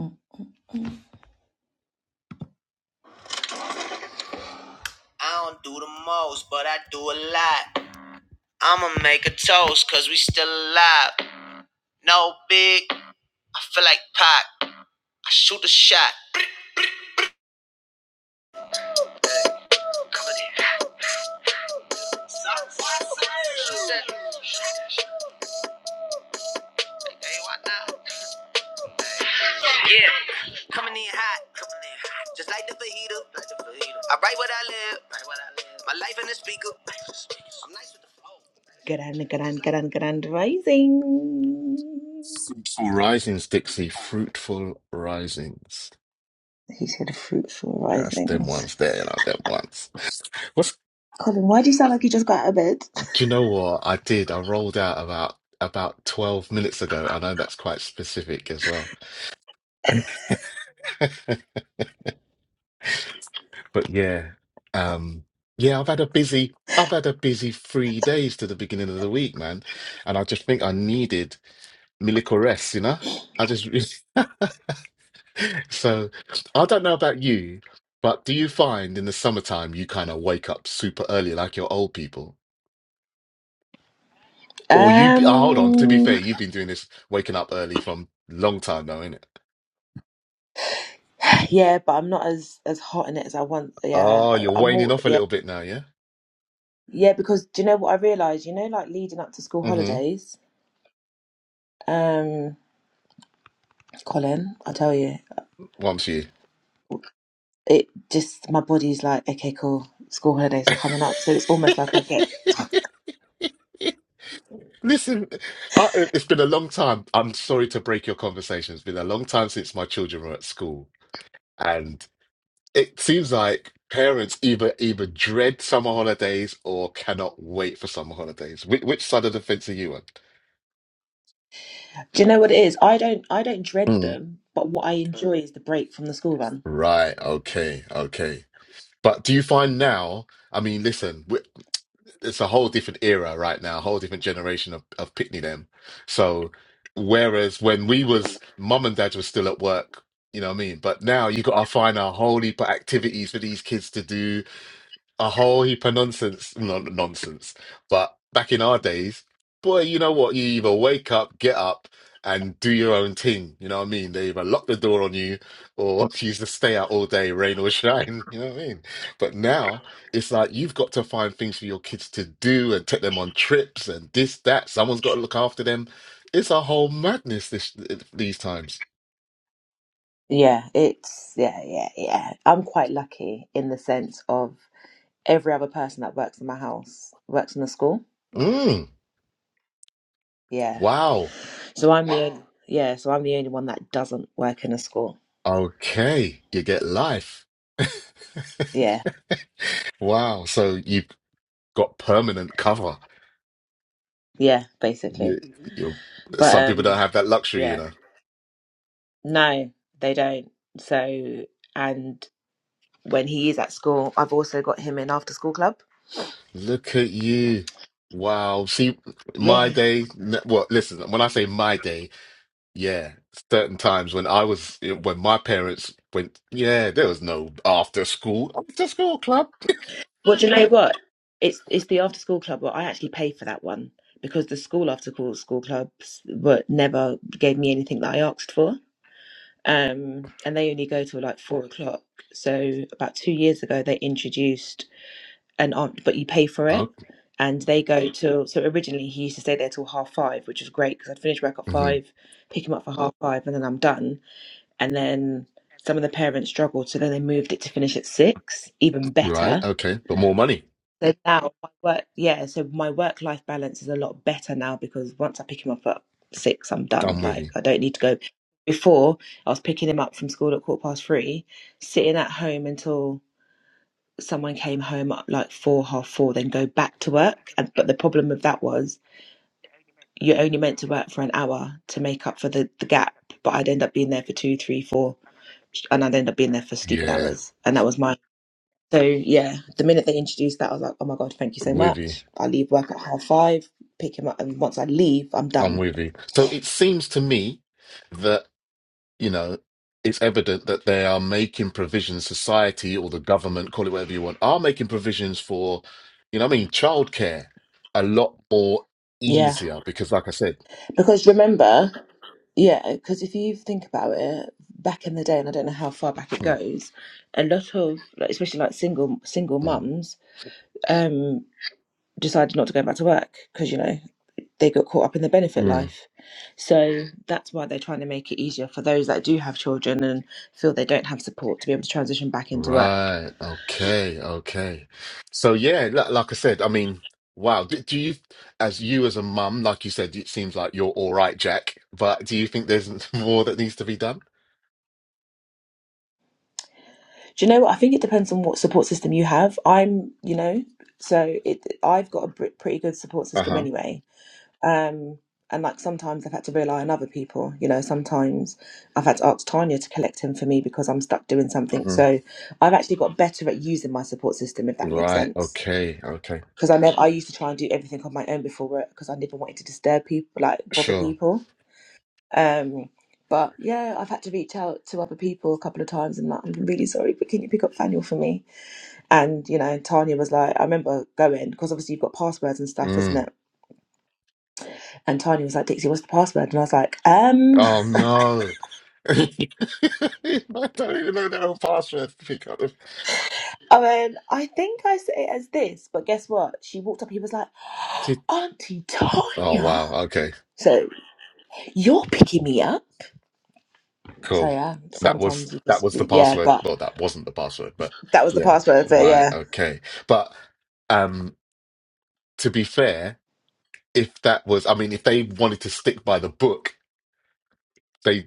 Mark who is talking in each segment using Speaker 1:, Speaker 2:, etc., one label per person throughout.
Speaker 1: Mm. I don't do the most, but I do a lot. I'ma make a toast, cause we still alive. No big, I feel like Pac. I shoot a shot. hey, why not? Yeah, coming in hot, coming in hot. Just like the fajita. Like the fajita. I write what I live. Write what I live. My life in the speaker. I'm nice with the Grand, grand, grand, grand rising.
Speaker 2: Fruitful risings, Dixie. Fruitful risings.
Speaker 1: He's here to fruitful
Speaker 2: That's them
Speaker 1: risings.
Speaker 2: ones there, like them ones. What's
Speaker 1: Colin, why do you sound like you just got out of bed?
Speaker 2: do you know what I did? I rolled out about about 12 minutes ago. I know that's quite specific as well. But yeah. Um yeah, I've had a busy I've had a busy three days to the beginning of the week, man. And I just think I needed Milly Caress, you know? I just So I don't know about you, but do you find in the summertime you kind of wake up super early like your old people? Or you, be- oh, hold on, to be
Speaker 1: Um,
Speaker 2: fair, you've been doing this waking up early from long time now, innit?
Speaker 1: yeah, but I'm not as as hot in it as I want. Yeah,
Speaker 2: Oh,
Speaker 1: I-
Speaker 2: you're
Speaker 1: I'm
Speaker 2: waning
Speaker 1: more.
Speaker 2: off a
Speaker 1: Yeah,
Speaker 2: little bit now, yeah?
Speaker 1: yeah. Because do you know what I realised? You know, like leading up to school
Speaker 2: Mm-hmm.
Speaker 1: holidays. Um, Colin, I tell you,
Speaker 2: Wants you.
Speaker 1: it just my body's like, okay, cool. School holidays are coming up, so it's almost like I get.
Speaker 2: Listen, I, it's been a long time. I'm sorry to break your conversation. It's been a long time since my children were at school. it seems like parents either either dread summer holidays or cannot wait for summer holidays. Which, which side of the fence are you on?
Speaker 1: Do you know what it is? I don't. I don't dread
Speaker 2: Mm.
Speaker 1: them, but what I enjoy is the break from the school run.
Speaker 2: Right. Okay. Okay. But do you find now? I mean, listen, w- it's a whole different era right now, a whole different generation of of Pitney them. So, whereas when we was mum and dad was still at work, you know what I mean. But now you got to find a whole heap of activities for these kids to do a whole heap of nonsense, non nonsense. But back in our days, boy, you know what? You either wake up, get up, and do your own thing. You know what I mean? They either lock the door on you, or you used to stay out all day, rain or shine. You know what I mean? But now it's like you've got to find things for your kids to do and take them on trips and this, that. Someone's got to look after them. It's a whole madness this these times.
Speaker 1: Yeah, it's yeah, yeah, yeah. I'm quite lucky in the sense of every other person that works in my house works in the school.
Speaker 2: Mm,
Speaker 1: Yeah
Speaker 2: wow.
Speaker 1: So I'm the only, yeah, so I'm the only one that doesn't work in a school.
Speaker 2: Okay, you get life.
Speaker 1: Yeah,
Speaker 2: Wow. So you've got permanent cover.
Speaker 1: yeah,
Speaker 2: You,
Speaker 1: basically.
Speaker 2: you,
Speaker 1: But
Speaker 2: some people
Speaker 1: um,
Speaker 2: don't have that luxury, you
Speaker 1: yeah,
Speaker 2: know.
Speaker 1: no, they don't. So and when he is at school, I've also got him in after school club.
Speaker 2: Look at you. Wow. See, my
Speaker 1: Yeah.
Speaker 2: day, n- well, listen, when I say my day, yeah, certain times when I was, when my parents went, yeah, there was no after school, after school club.
Speaker 1: Well, do you know what? It's it's the after school club, but I actually pay for that one because the school after school school clubs were never gave me anything that I asked for. Um, and they only go till like four o'clock. So about two years ago, they introduced and are but you pay for it
Speaker 2: Oh,
Speaker 1: and they go till so originally he used to stay there till half five which was great because i'd finish work at
Speaker 2: mhm.
Speaker 1: five pick him up for half five and then i'm done and then some of the parents struggled so then they moved it to finish at six even
Speaker 2: Right.
Speaker 1: better
Speaker 2: Okay. But more money.
Speaker 1: so now my work yeah so my work life balance is a lot better now because once i pick him up at six i'm done
Speaker 2: I'm with
Speaker 1: like
Speaker 2: you.
Speaker 1: i don't need to go before i was picking him up from school at quarter past three sitting at home until someone came home at like four, half four, then go back to work. And, but the problem with that was you're only meant to work for an hour to make up for the, the gap. But I'd end up being there for two, three, four, and I'd end up being there for stupid
Speaker 2: Yeah.
Speaker 1: hours. And that was my. So yeah, the minute they introduced that, I was like, oh my God, thank you so
Speaker 2: With you.
Speaker 1: much. I leave work at half five, pick him up. And once I leave, I'm
Speaker 2: I'm
Speaker 1: done.
Speaker 2: with you. So it seems to me that. you know, it's evident that they are making provisions, society or the government, call it whatever you want, are making provisions for, you know, what I mean, childcare a lot more
Speaker 1: Yeah.
Speaker 2: easier because, like I said,
Speaker 1: Because remember, yeah, because if you think about it, back in the day, and I don't know how far back it
Speaker 2: mm,
Speaker 1: goes, a lot of, like, especially like single single
Speaker 2: mm,
Speaker 1: mums, um, decided not to go back to work because you know they got caught up in the benefit
Speaker 2: mm.
Speaker 1: life. So that's why they're trying to make it easier for those that do have children and feel they don't have support to be able to transition back into work.
Speaker 2: right, okay, okay. So, yeah, li- like I said, I mean, wow, do, do you, as you as a mum, like you said, it seems like you're all right, Jack, but do you think there's more that needs to be done?
Speaker 1: Do you know what? I think it depends on what support system you have. I'm, you know, so it I've got a br- pretty good support system
Speaker 2: Uh-huh.
Speaker 1: anyway Um, and like sometimes I've had to rely on other people. You know, sometimes I've had to ask Tanya to collect him for me because I'm stuck doing something.
Speaker 2: hmm
Speaker 1: So I've actually got better at using my support system, if that makes
Speaker 2: Right,
Speaker 1: sense.
Speaker 2: okay, okay,
Speaker 1: Because I never, I used to try and do everything on my own before work because I never wanted to disturb people, like bother
Speaker 2: sure.
Speaker 1: people. Um, but yeah, I've had to reach out to other people a couple of times and like, I'm really sorry, but can you pick up Faniel for me? And you know, Tanya was like, I remember going because obviously you've got passwords and stuff,
Speaker 2: mm.
Speaker 1: isn't it? And Tanya was like, Dixie, what's the password? And I was like, um.
Speaker 2: Oh no. I don't even know the own password to pick up. the-
Speaker 1: Oh, and I think I say it as this, but guess what? She walked up. He was like,
Speaker 2: to-
Speaker 1: "Auntie
Speaker 2: Oh
Speaker 1: Tanya."
Speaker 2: wow, okay,
Speaker 1: So you're picking me up. So
Speaker 2: cool.
Speaker 1: yeah,
Speaker 2: That was
Speaker 1: sometimes you
Speaker 2: that
Speaker 1: just
Speaker 2: was the
Speaker 1: yeah,
Speaker 2: password.
Speaker 1: but
Speaker 2: Well, that wasn't the password, but
Speaker 1: that was the
Speaker 2: yeah,
Speaker 1: password. So
Speaker 2: right,
Speaker 1: yeah,
Speaker 2: okay. But um to be fair, if that was I mean, if they wanted to stick by the book, they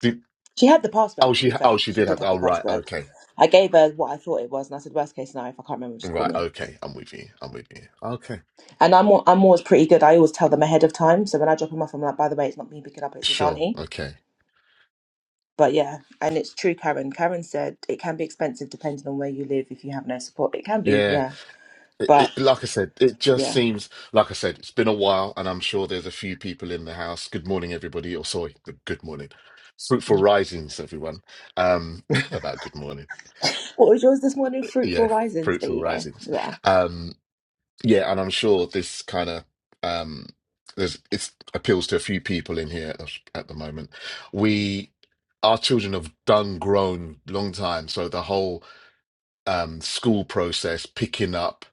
Speaker 2: did
Speaker 1: she had the
Speaker 2: oh
Speaker 1: password. To
Speaker 2: she
Speaker 1: be
Speaker 2: oh
Speaker 1: fair,
Speaker 2: she
Speaker 1: she
Speaker 2: did
Speaker 1: did
Speaker 2: have
Speaker 1: have the
Speaker 2: oh right,
Speaker 1: password.
Speaker 2: okay.
Speaker 1: I gave her what I thought it was, and I said, "Worst case scenario, if I can't remember, just call
Speaker 2: Right,
Speaker 1: me."
Speaker 2: okay. I'm with you. I'm with you. Okay.
Speaker 1: And I'm al- I'm always pretty good. I always tell them ahead of time. So when I drop them off, I'm like, "By the way, it's not me picking up. It's his
Speaker 2: Sure,
Speaker 1: auntie."
Speaker 2: okay.
Speaker 1: But yeah, and it's true, Karen. Karen said it can be expensive depending on where you live. If you have no support, it can be.
Speaker 2: Yeah.
Speaker 1: Yeah.
Speaker 2: It,
Speaker 1: But
Speaker 2: it, like I said, it just
Speaker 1: yeah.
Speaker 2: seems like I said, it's been a while, and I'm sure there's a few people in the house. Good morning, everybody. Or sorry, good, good morning. Fruitful risings, everyone. Um, about good morning.
Speaker 1: What was yours this morning? Fruitful
Speaker 2: Yeah,
Speaker 1: Risings. There
Speaker 2: fruitful
Speaker 1: you go.
Speaker 2: risings.
Speaker 1: Yeah.
Speaker 2: Um, yeah, and I'm sure this kind of um, there's it appeals to a few people in here at, at the moment. We, our children have done grown long time, so the whole um, school process, picking up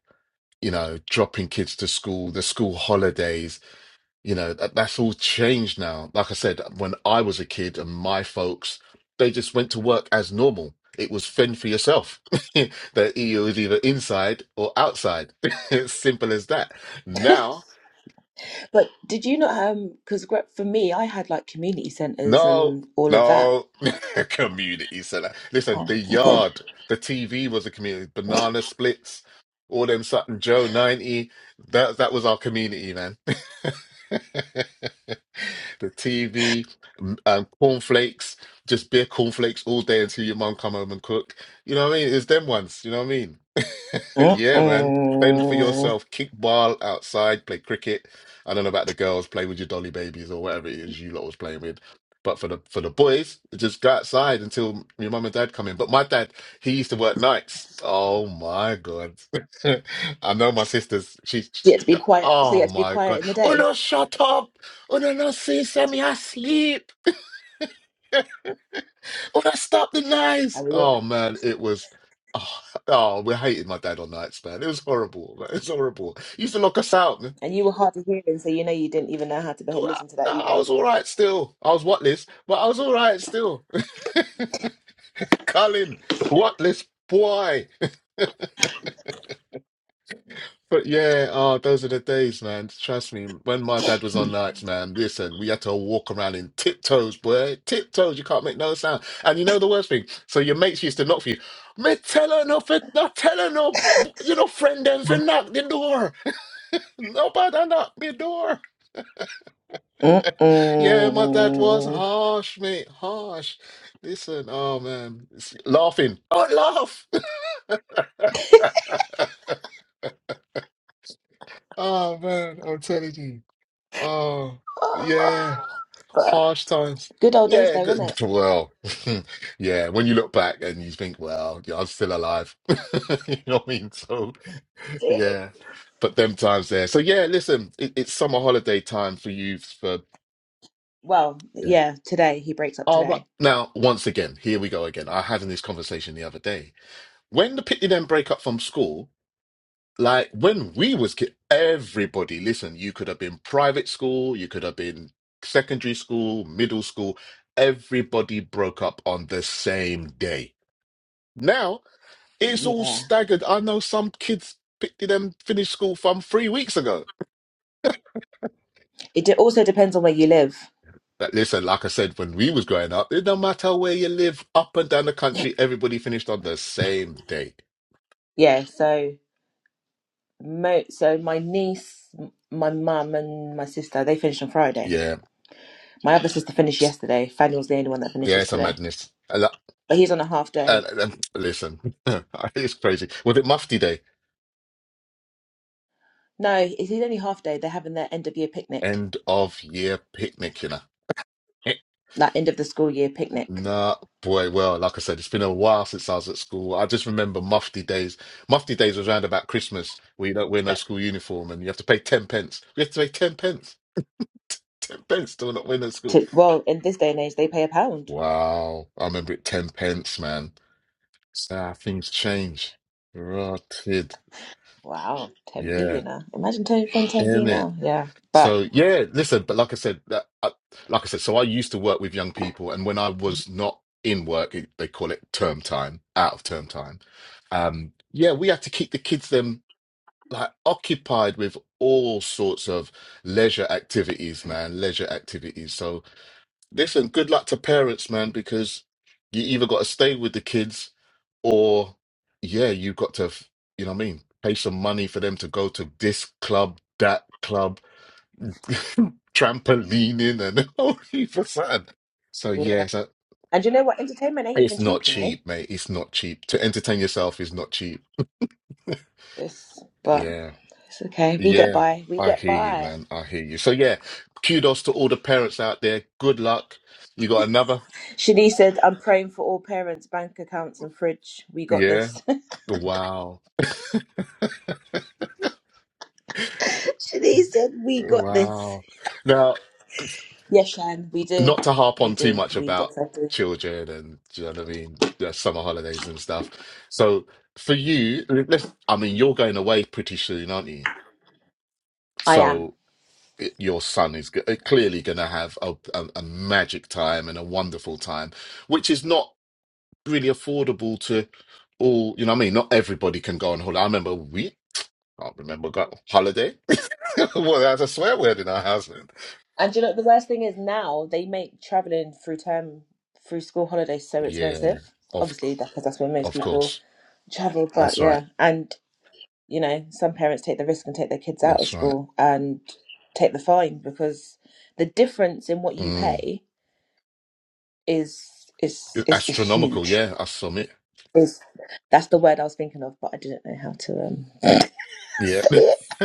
Speaker 2: you know, dropping kids to school, the school holidays, you know, that, that's all changed now. Like I said, when I was a kid and my folks, they just went to work as normal. It was fend for yourself. that you was either inside or outside. Simple as that. Now
Speaker 1: But did you not um because for me I had like community centres
Speaker 2: No,
Speaker 1: and all of that.
Speaker 2: no, community center. Listen,
Speaker 1: Oh,
Speaker 2: the
Speaker 1: okay.
Speaker 2: yard, the TV was a community. Banana splits, all them Sutton Joe ninety. That that was our community, man. The TV, m- um, cornflakes, just beer cornflakes all day until your mum come home and cook. You know what I mean? It's them ones. You know what I mean? Yeah, man. Fend for
Speaker 1: Mm-mm. So
Speaker 2: yourself. Kick ball outside. Play cricket. I don't know about the girls. Play with your dolly babies or whatever it is you lot was playing with. But for the for the boys, just go outside until your mum and dad come in. But my dad, he used to work nights. Oh my God. I know my sisters, She's.
Speaker 1: you had to be quiet so you
Speaker 2: oh
Speaker 1: had to be
Speaker 2: my
Speaker 1: quiet
Speaker 2: God.
Speaker 1: in the
Speaker 2: Oh
Speaker 1: day.
Speaker 2: no, shut up. Oh no, no, see, send me asleep. Oh no, stop the noise.
Speaker 1: And we all,
Speaker 2: Oh man, it was, oh, oh, we hated my dad on nights, man. It was horrible, man. It was horrible. He used to lock us out, man.
Speaker 1: and you were hard of hearing, so you know you didn't even know how to behave, listen to that
Speaker 2: I
Speaker 1: either.
Speaker 2: was all right still. I was what list, but I was all right still. Colin, worthless boy. But yeah, oh, those are the days, man. Trust me. When my dad was on nights, man, listen, we had to walk around in tiptoes, boy. Tiptoes, you can't make no sound. And you know the worst thing? So your mates used to knock for you. Me tell her no, for, not tell her no, you know, friend them for knock the door. Nobody knock me door. Yeah, my dad was
Speaker 1: Mm-mm.
Speaker 2: harsh, mate, harsh. Listen, oh man, it's laughing. Don't laugh. Oh man, I'm telling you. Oh, yeah,
Speaker 1: Oh, but
Speaker 2: harsh times.
Speaker 1: good old days
Speaker 2: Yeah,
Speaker 1: though, isn't
Speaker 2: good.
Speaker 1: it?
Speaker 2: Well, yeah, when you look back and you think, well, yeah, I'm still alive. You know what I mean? So, yeah, but them times there. So, yeah, listen, it, it's summer holiday time for you for,
Speaker 1: Well,
Speaker 2: yeah.
Speaker 1: yeah, today he breaks up
Speaker 2: All right.
Speaker 1: today.
Speaker 2: Now, once again, here we go again. I had in this conversation the other day. When the Pitney Bowes break up from school, Like when we was kid, everybody, listen, you could have been private school, you could have been secondary school, middle school, everybody broke up on the same day. Now it's all
Speaker 1: Yeah.
Speaker 2: staggered. I know some kids picked them finished school from three weeks ago.
Speaker 1: It de- also depends on where you live.
Speaker 2: But listen, like I said, when we was growing up, it don't matter where you live, up and down the country, everybody finished on the same day.
Speaker 1: yeah, so mo- so my niece, m- my mum, and my sister they finished on Friday.
Speaker 2: Yeah.
Speaker 1: My other sister finished yesterday. Faniel's the only one that
Speaker 2: Yeah,
Speaker 1: finishes
Speaker 2: it's a
Speaker 1: today,
Speaker 2: madness. And,
Speaker 1: but he's on a half day.
Speaker 2: and, and listen, it's crazy. Was it Mufti Day?
Speaker 1: No, he's he's only half day. They're having their end of year picnic,
Speaker 2: end of year picnic, you know. Eh.
Speaker 1: that end of the school year picnic.
Speaker 2: Nah, boy, well, like I said, it's been a while since I was at school. I just remember mufti days. Mufti days was round about Christmas where you don't wear no school uniform and you have to pay 10 pence. We have to pay 10 pence. 10 pence to not wear no school.
Speaker 1: To, well, in this day and age, they pay a pound.
Speaker 2: Wow. I remember it 10 pence, man. It's how things change. Rotted.
Speaker 1: Wow, ten p.
Speaker 2: Yeah.
Speaker 1: You know, imagine turning from ten p
Speaker 2: in it.
Speaker 1: now. Yeah, but
Speaker 2: So yeah, listen, but like I said, that, I, like I said, so I used to work with young people, and when I was not in work, it, they call it term time, out of term time. Um, yeah, we had to keep the kids them like occupied with all sorts of leisure activities, man, leisure activities. So listen, good luck to parents, man, because you either got to stay with the kids, or yeah, you have got to, f- you know what I mean, pay some money for them to go to this club, that club trampolining and a whole heap of fun. So
Speaker 1: yeah.
Speaker 2: yeah, so
Speaker 1: and you know what? Entertainment ain't
Speaker 2: it's
Speaker 1: even
Speaker 2: not
Speaker 1: cheap. You know,
Speaker 2: cheap, mate. It's not cheap. To entertain yourself is not cheap.
Speaker 1: it's but
Speaker 2: Yeah.
Speaker 1: it's okay. We get
Speaker 2: Yeah.
Speaker 1: by. We
Speaker 2: I
Speaker 1: get
Speaker 2: hear you,
Speaker 1: by.
Speaker 2: man. I hear you. So yeah, kudos to all the parents out there. Good luck. You got another?
Speaker 1: Shanice said, I'm praying for all parents, bank accounts, and fridge. We got
Speaker 2: Yeah.
Speaker 1: this.
Speaker 2: Wow.
Speaker 1: Shanice said, We got this.
Speaker 2: Wow. Now
Speaker 1: Yes, Shan, we do.
Speaker 2: not to harp
Speaker 1: We
Speaker 2: on too
Speaker 1: do.
Speaker 2: much
Speaker 1: We
Speaker 2: about
Speaker 1: definitely do.
Speaker 2: children and do you know what I mean, the summer holidays and stuff. So for you, let's, I mean, you're going away pretty soon, aren't you?
Speaker 1: I am.
Speaker 2: So it- your son is g- uh, clearly going to have a, a, a magic time and a wonderful time, which is not really affordable to all. You know what I mean? Not everybody can go on holiday. I remember we. I can't remember got holiday. well, that's a swear word in our house. man.
Speaker 1: And do you know what the worst thing is now? They make traveling through term, through school holidays so
Speaker 2: Yeah,
Speaker 1: expensive.
Speaker 2: of
Speaker 1: Obviously,
Speaker 2: c-
Speaker 1: that's because that's where most
Speaker 2: of
Speaker 1: people
Speaker 2: course.
Speaker 1: travel, but
Speaker 2: That's right.
Speaker 1: yeah. And, you know, some parents take the risk and take their kids out of
Speaker 2: That's right.
Speaker 1: school and take the fine because the difference in what you
Speaker 2: Mm.
Speaker 1: pay is is is, is
Speaker 2: Astronomical,
Speaker 1: huge
Speaker 2: yeah, I submit.
Speaker 1: is that's the word I was thinking of, but I didn't know how to. Um,
Speaker 2: Yeah.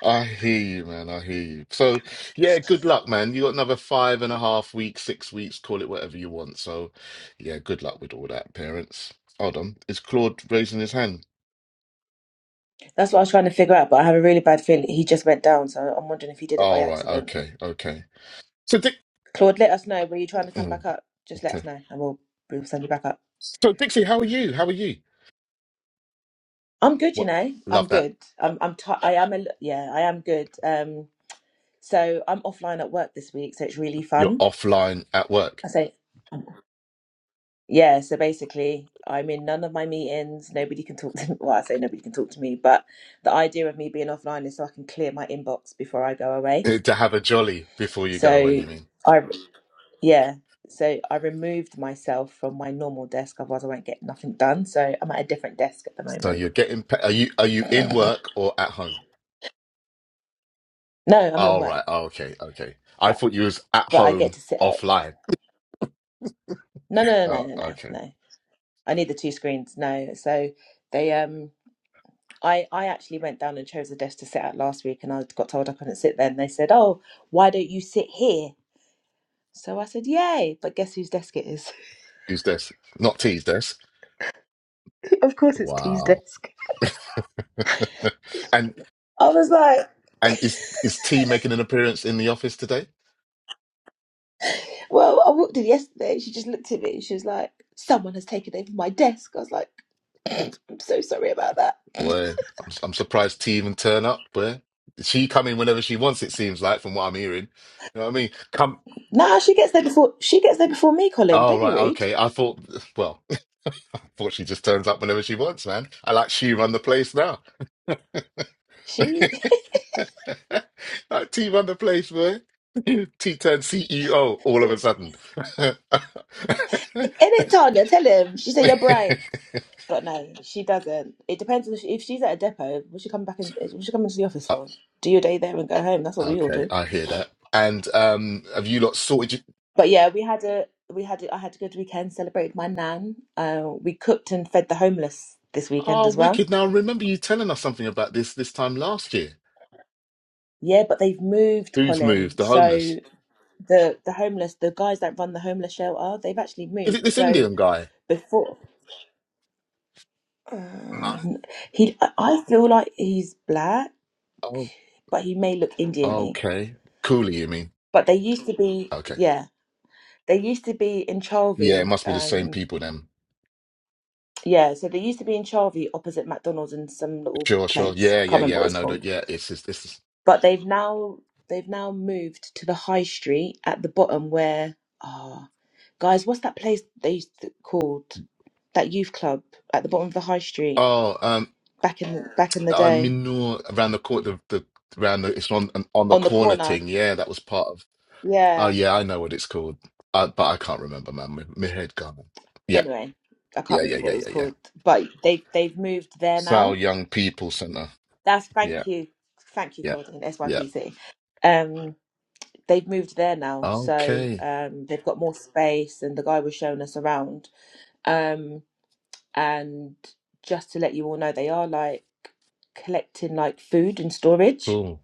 Speaker 2: I hear you, man. I hear you. So, yeah, good luck, man. You got another five and a half weeks, six weeks, call it whatever you want. So, yeah, good luck with all that, parents. Hold on. Is Claude raising his hand?
Speaker 1: that's what I was trying to figure out. But I have a really bad feeling he just went down, so I'm wondering if he did it by
Speaker 2: All right.
Speaker 1: accident.
Speaker 2: Okay. Okay. So, Dick.
Speaker 1: Claude, let us know. Were you trying to come
Speaker 2: Mm,
Speaker 1: back up? Just let us
Speaker 2: okay.
Speaker 1: know, and we'll we'll send you back up.
Speaker 2: So, Dixie, how are you? How are you?
Speaker 1: I'm good, you
Speaker 2: What?
Speaker 1: know. I'm
Speaker 2: Love that.
Speaker 1: good. I'm I'm ti I am a li- yeah. I am good. Um, so I'm offline at work this week, so it's really
Speaker 2: You're
Speaker 1: fun.
Speaker 2: offline at work
Speaker 1: I say yeah. So basically, I'm in none of my meetings. Nobody can talk to. Well, I say nobody can talk to me, but the idea of me being offline is so I can clear my inbox before I go away.
Speaker 2: to have a jolly before you go away,
Speaker 1: So
Speaker 2: you mean?
Speaker 1: I yeah. So I removed myself from my normal desk, otherwise I won't get nothing done. So I'm at a different desk at the
Speaker 2: So
Speaker 1: moment.
Speaker 2: you're getting pa Are you are you in work or at home?
Speaker 1: No, I'm in
Speaker 2: All
Speaker 1: work,
Speaker 2: right. oh, okay. Okay. I
Speaker 1: but
Speaker 2: thought you was at
Speaker 1: but I get
Speaker 2: home
Speaker 1: to sit at
Speaker 2: offline.
Speaker 1: no no no
Speaker 2: Oh,
Speaker 1: no no no.
Speaker 2: okay.
Speaker 1: no. I need the two screens. No, so they um I I actually went down and chose a desk to sit at last week, and I got told I couldn't sit there, and they said, "Oh, why don't you sit here?" So I said, "Yay!" But guess whose desk it is?
Speaker 2: Who's this? Not T's desk.
Speaker 1: of course, it's T's
Speaker 2: Wow.
Speaker 1: desk.
Speaker 2: and
Speaker 1: I was like.
Speaker 2: and is is T making an appearance in the office today?
Speaker 1: Well, I walked in yesterday and she just looked at me and she was like, Someone has taken over my desk. I was like, I'm so sorry about that.
Speaker 2: Well, I'm, I'm surprised T even turn up. Where she come in whenever she wants, it seems like, from what I'm hearing. You know what I mean? Come.
Speaker 1: Nah, she gets there before she gets there before me, Colin.
Speaker 2: Oh
Speaker 1: Don't be
Speaker 2: right,
Speaker 1: rude.
Speaker 2: okay. I thought. Well, I thought she just turns up whenever she wants, man. I like she run the place now.
Speaker 1: She
Speaker 2: like T run the place, boy. T turned CEO all of
Speaker 1: in
Speaker 2: a sudden.
Speaker 1: it, Tanya, tell him. She said you're bright. But no, she doesn't. It depends if, if she's at a depot, will she come back in will she come into the office
Speaker 2: Uh,
Speaker 1: for? Do your day there and go home. That's what we all
Speaker 2: okay,
Speaker 1: do.
Speaker 2: I hear that. And um, have you lot sorted? Your...
Speaker 1: But yeah, we had a we had a, I had a good weekend, celebrated my nan. Uh, we cooked and fed the homeless this weekend
Speaker 2: Oh,
Speaker 1: as well.
Speaker 2: wicked! Now I remember you telling us something about this this time last year.
Speaker 1: Yeah, but they've moved,
Speaker 2: Who's
Speaker 1: Colin.
Speaker 2: moved? The homeless?
Speaker 1: So the the homeless, the guys that run the homeless shelter, they've actually
Speaker 2: Is it
Speaker 1: moved.
Speaker 2: this
Speaker 1: So
Speaker 2: Indian guy?
Speaker 1: before,
Speaker 2: No.
Speaker 1: uh, he, I I feel like he's black,
Speaker 2: Oh,
Speaker 1: but he may look Indian-y.
Speaker 2: okay. Cooley, you mean?
Speaker 1: But they used to be,
Speaker 2: Okay.
Speaker 1: yeah, they used to be in
Speaker 2: Yeah, it
Speaker 1: Charvey.
Speaker 2: must be the same
Speaker 1: Um,
Speaker 2: people then.
Speaker 1: yeah, so they used to be in Charvey opposite McDonald's in some little
Speaker 2: Sure, sure.
Speaker 1: place.
Speaker 2: Yeah, yeah,
Speaker 1: Can't remember
Speaker 2: yeah.
Speaker 1: what
Speaker 2: I
Speaker 1: it's
Speaker 2: know
Speaker 1: called.
Speaker 2: that. Yeah, it's it's this. Is...
Speaker 1: but they've now they've now moved to the high street at the bottom where ah guys what's that place they used to, called that youth club at the bottom of the high street
Speaker 2: Oh, um,
Speaker 1: back in the, back in the
Speaker 2: I
Speaker 1: day
Speaker 2: mean, no, around the court, the the around the it's on on the
Speaker 1: on the
Speaker 2: corner
Speaker 1: corner
Speaker 2: thing. Yeah, that was part of. Oh,
Speaker 1: yeah
Speaker 2: yeah, I know what it's called, uh, but I can't remember, man. My, my head gone. Yeah,
Speaker 1: anyway i can't
Speaker 2: yeah, yeah,
Speaker 1: remember what
Speaker 2: yeah,
Speaker 1: it was
Speaker 2: yeah, yeah.
Speaker 1: called but they they've moved there
Speaker 2: Sal
Speaker 1: now
Speaker 2: Young People Center.
Speaker 1: that's
Speaker 2: Yeah,
Speaker 1: thank you thank you
Speaker 2: yeah,
Speaker 1: claudine
Speaker 2: yeah.
Speaker 1: sypc um they've moved there now so
Speaker 2: Okay,
Speaker 1: um they've got more space and the guy was showing us around um and just to let you all know they are like collecting like food and storage
Speaker 2: cool.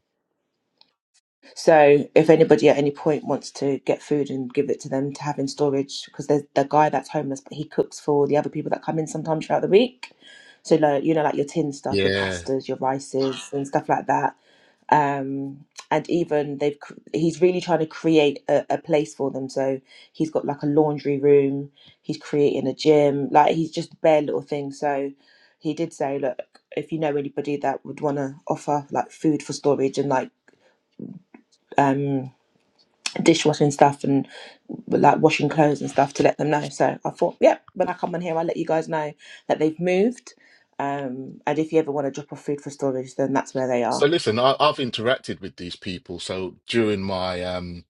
Speaker 1: so if anybody at any point wants to get food and give it to them to have in storage because there's the guy that's homeless but he cooks for the other people that come in sometimes throughout the week so like you know like your tin stuff your
Speaker 2: Yeah.
Speaker 1: pastas your rices and stuff like that um and even they've cr- he's really trying to create a, a place for them so he's got like a laundry room he's creating a gym like he's just bare little things so he did say look if you know anybody that would want to offer like food for storage and like um dishwashing stuff and like washing clothes and stuff to let them know so i thought yeah when i come on here i'll let you guys know that they've moved um and if you ever want to drop off food for storage then that's where they
Speaker 2: So
Speaker 1: are
Speaker 2: listen, I, I've interacted with these people. So during my um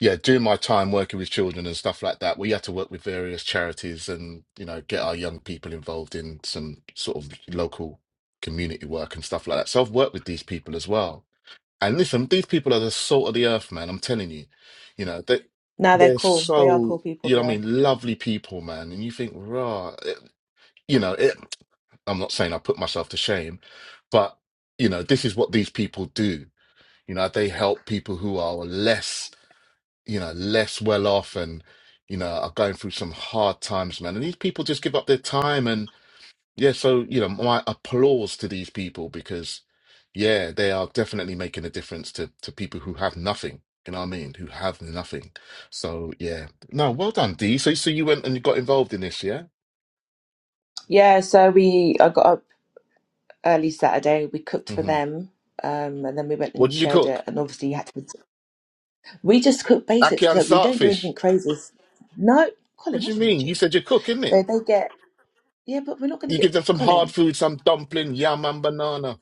Speaker 2: yeah, during my time working with children and stuff like that, we had to work with various charities and, you know, get our young people involved in some sort of local community work and stuff like that. So I've worked with these people as well. And listen, these people are the salt of the earth, man. I'm telling you. You know, they
Speaker 1: now they're
Speaker 2: they're
Speaker 1: cool they are cool
Speaker 2: so,
Speaker 1: people
Speaker 2: you know, what I
Speaker 1: yeah
Speaker 2: mean, lovely people, man. And you think, rah, it- you know, it, I'm not saying I put myself to shame, but you know, this is what these people do you know, they help people who are less, you know, less well off and, you know, are going through some hard times, man. And these people just give up their time. And yeah, so, you know, my applause to these people because, yeah, they are definitely making a difference to, to people who have nothing. You know what I mean? Who have nothing. So yeah. No, well done, D. So, so you went and you got involved in this, yeah?
Speaker 1: Yeah, so we I got up early Saturday. We cooked for
Speaker 2: hmm
Speaker 1: them, um, and then we went
Speaker 2: What
Speaker 1: and
Speaker 2: did you
Speaker 1: shared it.
Speaker 2: cook?
Speaker 1: And obviously, you had to. We just cook basics,
Speaker 2: Akian
Speaker 1: so we don't do
Speaker 2: sartfish.
Speaker 1: anything crazy. No,
Speaker 2: What
Speaker 1: Colin,
Speaker 2: do you
Speaker 1: what's wrong with
Speaker 2: mean? You
Speaker 1: you?
Speaker 2: said you cook, innit?
Speaker 1: So they get yeah, but we're not going to
Speaker 2: You
Speaker 1: get
Speaker 2: give them some hard
Speaker 1: Colin.
Speaker 2: food, some dumpling, yam and banana.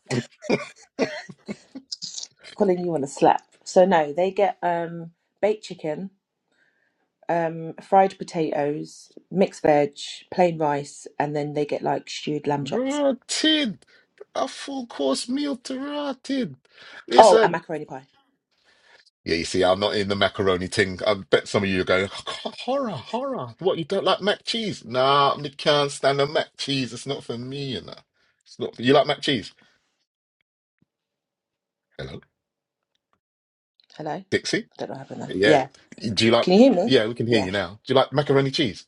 Speaker 1: Colin, you want to slap? So no, they get um baked chicken, um fried potatoes, mixed veg, plain rice, and then they get like stewed lamb chops.
Speaker 2: Rotted. A full course meal to rotted.
Speaker 1: Oh, and
Speaker 2: Listen.
Speaker 1: macaroni pie.
Speaker 2: Yeah, you see, I'm not in the macaroni thing. I bet some of you are going, horror, horror. What, you don't like mac cheese? Nah, me can't stand the mac cheese. It's not for me, you know. It's not you like mac cheese? Hello?
Speaker 1: Hello,
Speaker 2: Dixie?
Speaker 1: don't know what happened there.
Speaker 2: Yeah.
Speaker 1: Yeah,
Speaker 2: Do you like,
Speaker 1: can you hear me?
Speaker 2: yeah, we can hear
Speaker 1: Yeah,
Speaker 2: you now. Do you like macaroni cheese?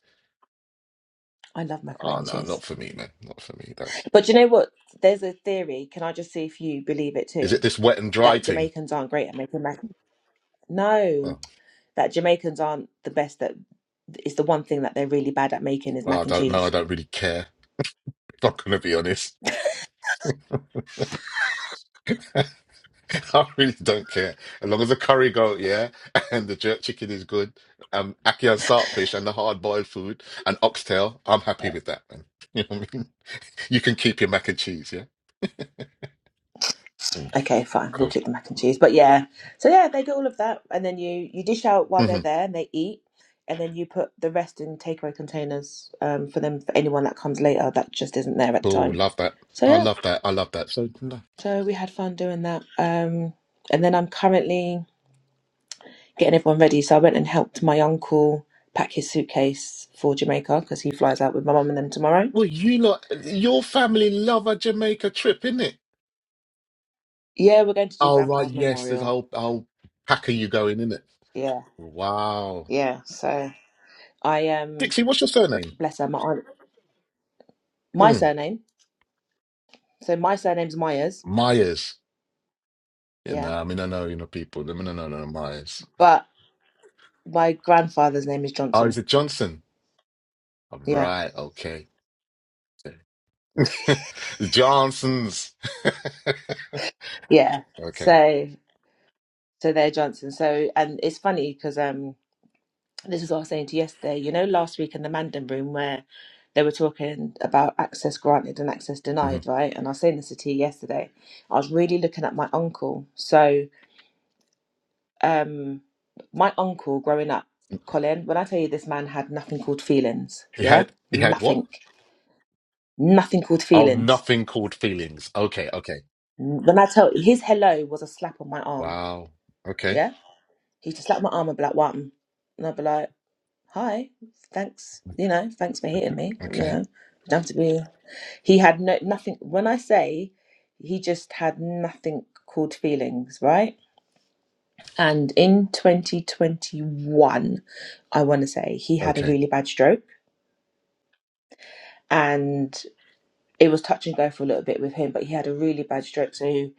Speaker 1: I love
Speaker 2: Oh,
Speaker 1: macaroni
Speaker 2: no,
Speaker 1: cheese.
Speaker 2: not for me, man. Not for me. That's.
Speaker 1: But you know what? There's a theory. Can I just see if you believe it
Speaker 2: Is
Speaker 1: too?
Speaker 2: it this wet and dry
Speaker 1: That
Speaker 2: thing?
Speaker 1: Jamaicans aren't great at making mac. No,
Speaker 2: Oh,
Speaker 1: that Jamaicans aren't the best at. Is the one thing that they're really bad at making is
Speaker 2: well, I
Speaker 1: mac and
Speaker 2: don't know. I
Speaker 1: cheese.
Speaker 2: don't really care. If I'm not going to be honest. I really don't care. As long as the curry goat, yeah, and the jerk chicken is good, um, ackee and saltfish and the hard boiled food and oxtail, I'm happy with that, man. You know what I mean? You can keep your mac and cheese, yeah? Mm,
Speaker 1: Okay, fine, we'll
Speaker 2: cool.
Speaker 1: click the mac and cheese. But yeah, so yeah, they get all of that, and then you you dish out while
Speaker 2: hmm
Speaker 1: they're there, and they eat, and then you put the rest in takeaway containers um, for them for anyone that comes later that just isn't there at the
Speaker 2: Cool.
Speaker 1: time.
Speaker 2: Love that.
Speaker 1: So
Speaker 2: I
Speaker 1: yeah,
Speaker 2: love that. I love that. So, no.
Speaker 1: so we had fun doing that, um, and then I'm currently getting everyone ready. So I went and helped my uncle pack his suitcase for Jamaica because he flies out with my mum and them tomorrow.
Speaker 2: well, you lot, your family love a Jamaica trip, innit?
Speaker 1: Yeah, we're going to do
Speaker 2: Oh, right.
Speaker 1: Grandpa's
Speaker 2: Yes, there's a
Speaker 1: memorial.
Speaker 2: whole, a whole pack of you going, innit?
Speaker 1: Yeah,
Speaker 2: Wow.
Speaker 1: yeah. So I um
Speaker 2: Dixie, what's your surname?
Speaker 1: bless her. My aunt, my
Speaker 2: Mm.
Speaker 1: surname. So my surname's Myers.
Speaker 2: Myers. Yeah,
Speaker 1: Yeah,
Speaker 2: nah, I mean, I know, you know, people. No, no, no, no, Myers.
Speaker 1: but my grandfather's name is
Speaker 2: Oh, is
Speaker 1: Johnson.
Speaker 2: it Johnson? All
Speaker 1: Yeah,
Speaker 2: right, okay. The Johnsons.
Speaker 1: yeah.
Speaker 2: Okay.
Speaker 1: So so they're Johnson. So and it's funny because um. this is what I was saying to you yesterday, you know, last week in the Mandan room where they were talking about access granted and access
Speaker 2: hmm
Speaker 1: denied, right? And I was saying this to T yesterday. I was really looking at my uncle. So, um, my uncle growing up, Colin, when I tell you this man had nothing called feelings,
Speaker 2: He
Speaker 1: yeah?
Speaker 2: had, he had what?
Speaker 1: Nothing. Nothing called
Speaker 2: Oh,
Speaker 1: feelings.
Speaker 2: nothing called feelings. Okay, okay.
Speaker 1: When I tell his hello was a slap on my arm,
Speaker 2: Wow. Okay,
Speaker 1: yeah? He just slapped my arm and be like, what? And I'd be like, hi, thanks, you know, thanks for
Speaker 2: okay,
Speaker 1: hitting me, you
Speaker 2: okay,
Speaker 1: know. You don't have to be. He had no nothing. When I say he just had nothing called feelings, right? And in 2021, I want to say he had a
Speaker 2: okay,
Speaker 1: really bad stroke, and it was touch and go for a little bit with him. But he had a really bad stroke, so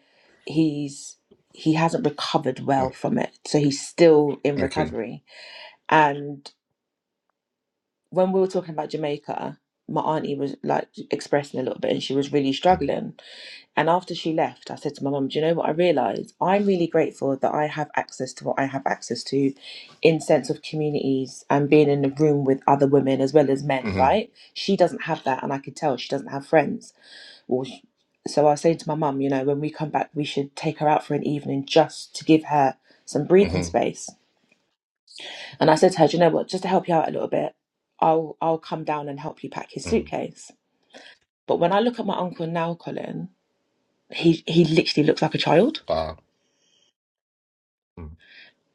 Speaker 1: he's he hasn't recovered well
Speaker 2: Mm,
Speaker 1: from it. So he's still in
Speaker 2: okay.
Speaker 1: recovery. And when we were talking about Jamaica, my auntie was like expressing a little bit, and she was really
Speaker 2: Mm,
Speaker 1: struggling. And after she left, I said to my mum, Do you know what I realised? I'm really grateful that I have access to what I have access to in sense of communities and being in a room with other women as well as men,
Speaker 2: Mm-hmm.
Speaker 1: right? She doesn't have that and I could tell she doesn't have friends. Or sh so I was saying to my mum, you know, when we come back we should take her out for an evening just to give her some breathing
Speaker 2: Mm-hmm.
Speaker 1: space. And I said to her, Do you know what, just to help you out a little bit, I'll I'll come down and help you pack his
Speaker 2: Mm.
Speaker 1: suitcase. But when I look at my uncle now, Colin, he he literally looks like a child
Speaker 2: Wow. Mm,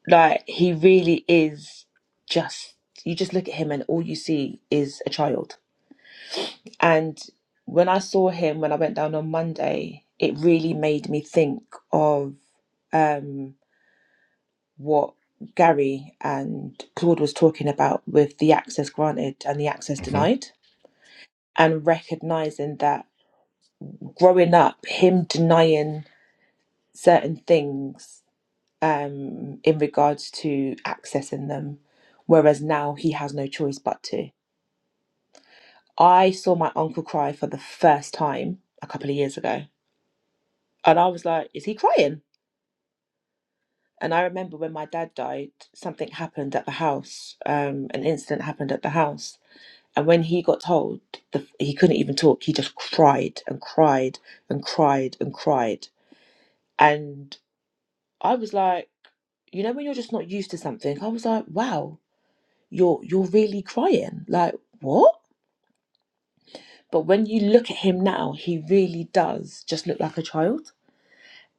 Speaker 1: Like he really is just you just look at him and all you see is a child. And when I saw him when I went down on Monday, it really made me think of um what Gary and Claude was talking about with the access granted and the access
Speaker 2: Mm-hmm.
Speaker 1: denied and recognizing that growing up him denying certain things um in regards to accessing them whereas now he has no choice but to I saw my uncle cry for the first time a couple of years ago. And I was like, is he crying? And I remember when my dad died, something happened at the house. Um, an incident happened at the house. And when he got told, the, he couldn't even talk. He just cried and cried and cried and cried. And I was like, you know, when you're just not used to something, I was like, wow, you're you're really crying. Like what? But when you look at him now, he really does just look like a child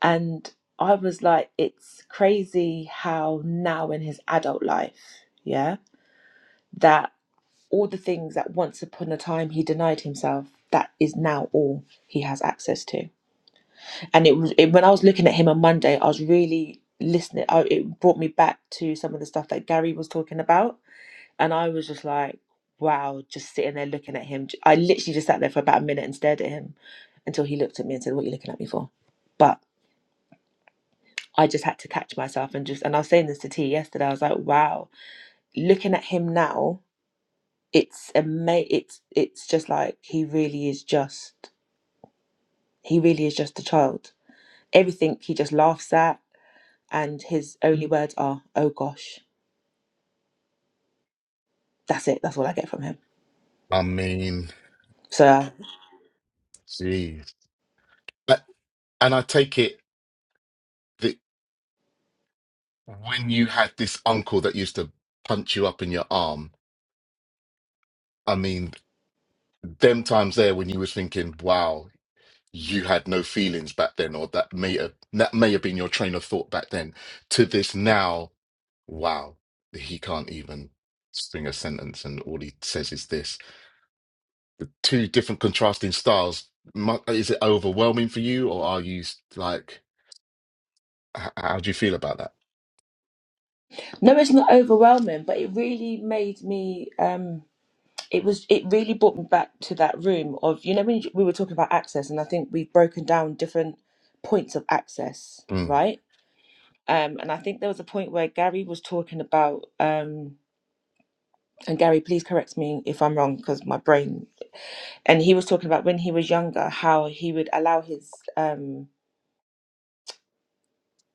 Speaker 1: And I was like, it's crazy how now in his adult life, yeah, that all the things that once upon a time he denied himself, that is now all he has access to. And it was it, when I was looking at him on Monday, I was really listening. I, it brought me back to some of the stuff that Gary was talking about, and I was just like, wow, just sitting there looking at him. I literally just sat there for about a minute and stared at him until he looked at me and said, "What are you looking at me for?" But I just had to catch myself and just and I was saying this to T yesterday. I was like, wow, looking at him now, it's ama- it's it's just like he really is just he really is just a child. Everything he just laughs at and his only words are, Oh gosh. That's it, that's all I get from him.
Speaker 2: I mean,
Speaker 1: So uh,
Speaker 2: jeez. But- and I take it that when you had this uncle that used to punch you up in your arm, I mean, them times there when you was thinking, wow, you had no feelings back then, or that may have that may have been your train of thought back then, to this now, wow, he can't even string a sentence and all he says is this. The two different contrasting styles, mu- is it overwhelming for you, or are you s- like H- how do you feel about that?
Speaker 1: no, it's not overwhelming, but it really made me um it was it really brought me back to that room of you know when you- we were talking about access and I think we've broken down different points of access,
Speaker 2: Mm,
Speaker 1: right? Um, and I think there was a point where Gary was talking about, um, and Gary, please correct me if I'm wrong because my brain. And he was talking about when he was younger, how he would allow his um,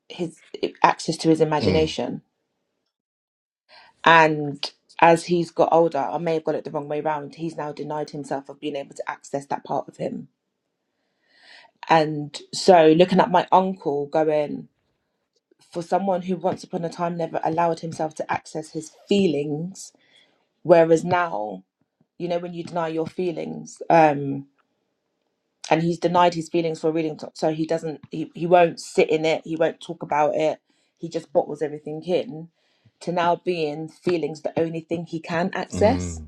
Speaker 1: his access to his
Speaker 2: mm,
Speaker 1: imagination, and as he's got older, I may have got it the wrong way round. He's now denied himself of being able to access that part of him. And so, looking at my uncle going for someone who once upon a time never allowed himself to access his feelings, whereas now you know when you deny your feelings um and he's denied his feelings for a really long time so he doesn't he, he won't sit in it he won't talk about it he just bottles everything in to now being feelings the only thing he can access
Speaker 2: mm.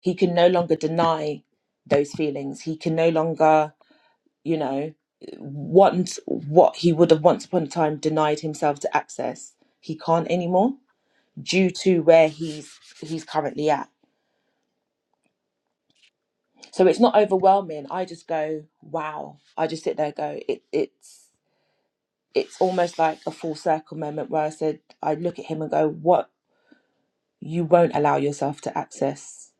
Speaker 1: he can no longer deny those feelings he can no longer you know want what he would have once upon a time denied himself to access he can't anymore due to where he's he's currently at so it's not overwhelming i just go wow i just sit there and go it, it's it's almost like a full circle moment where i said i look at him and go what you won't allow yourself to access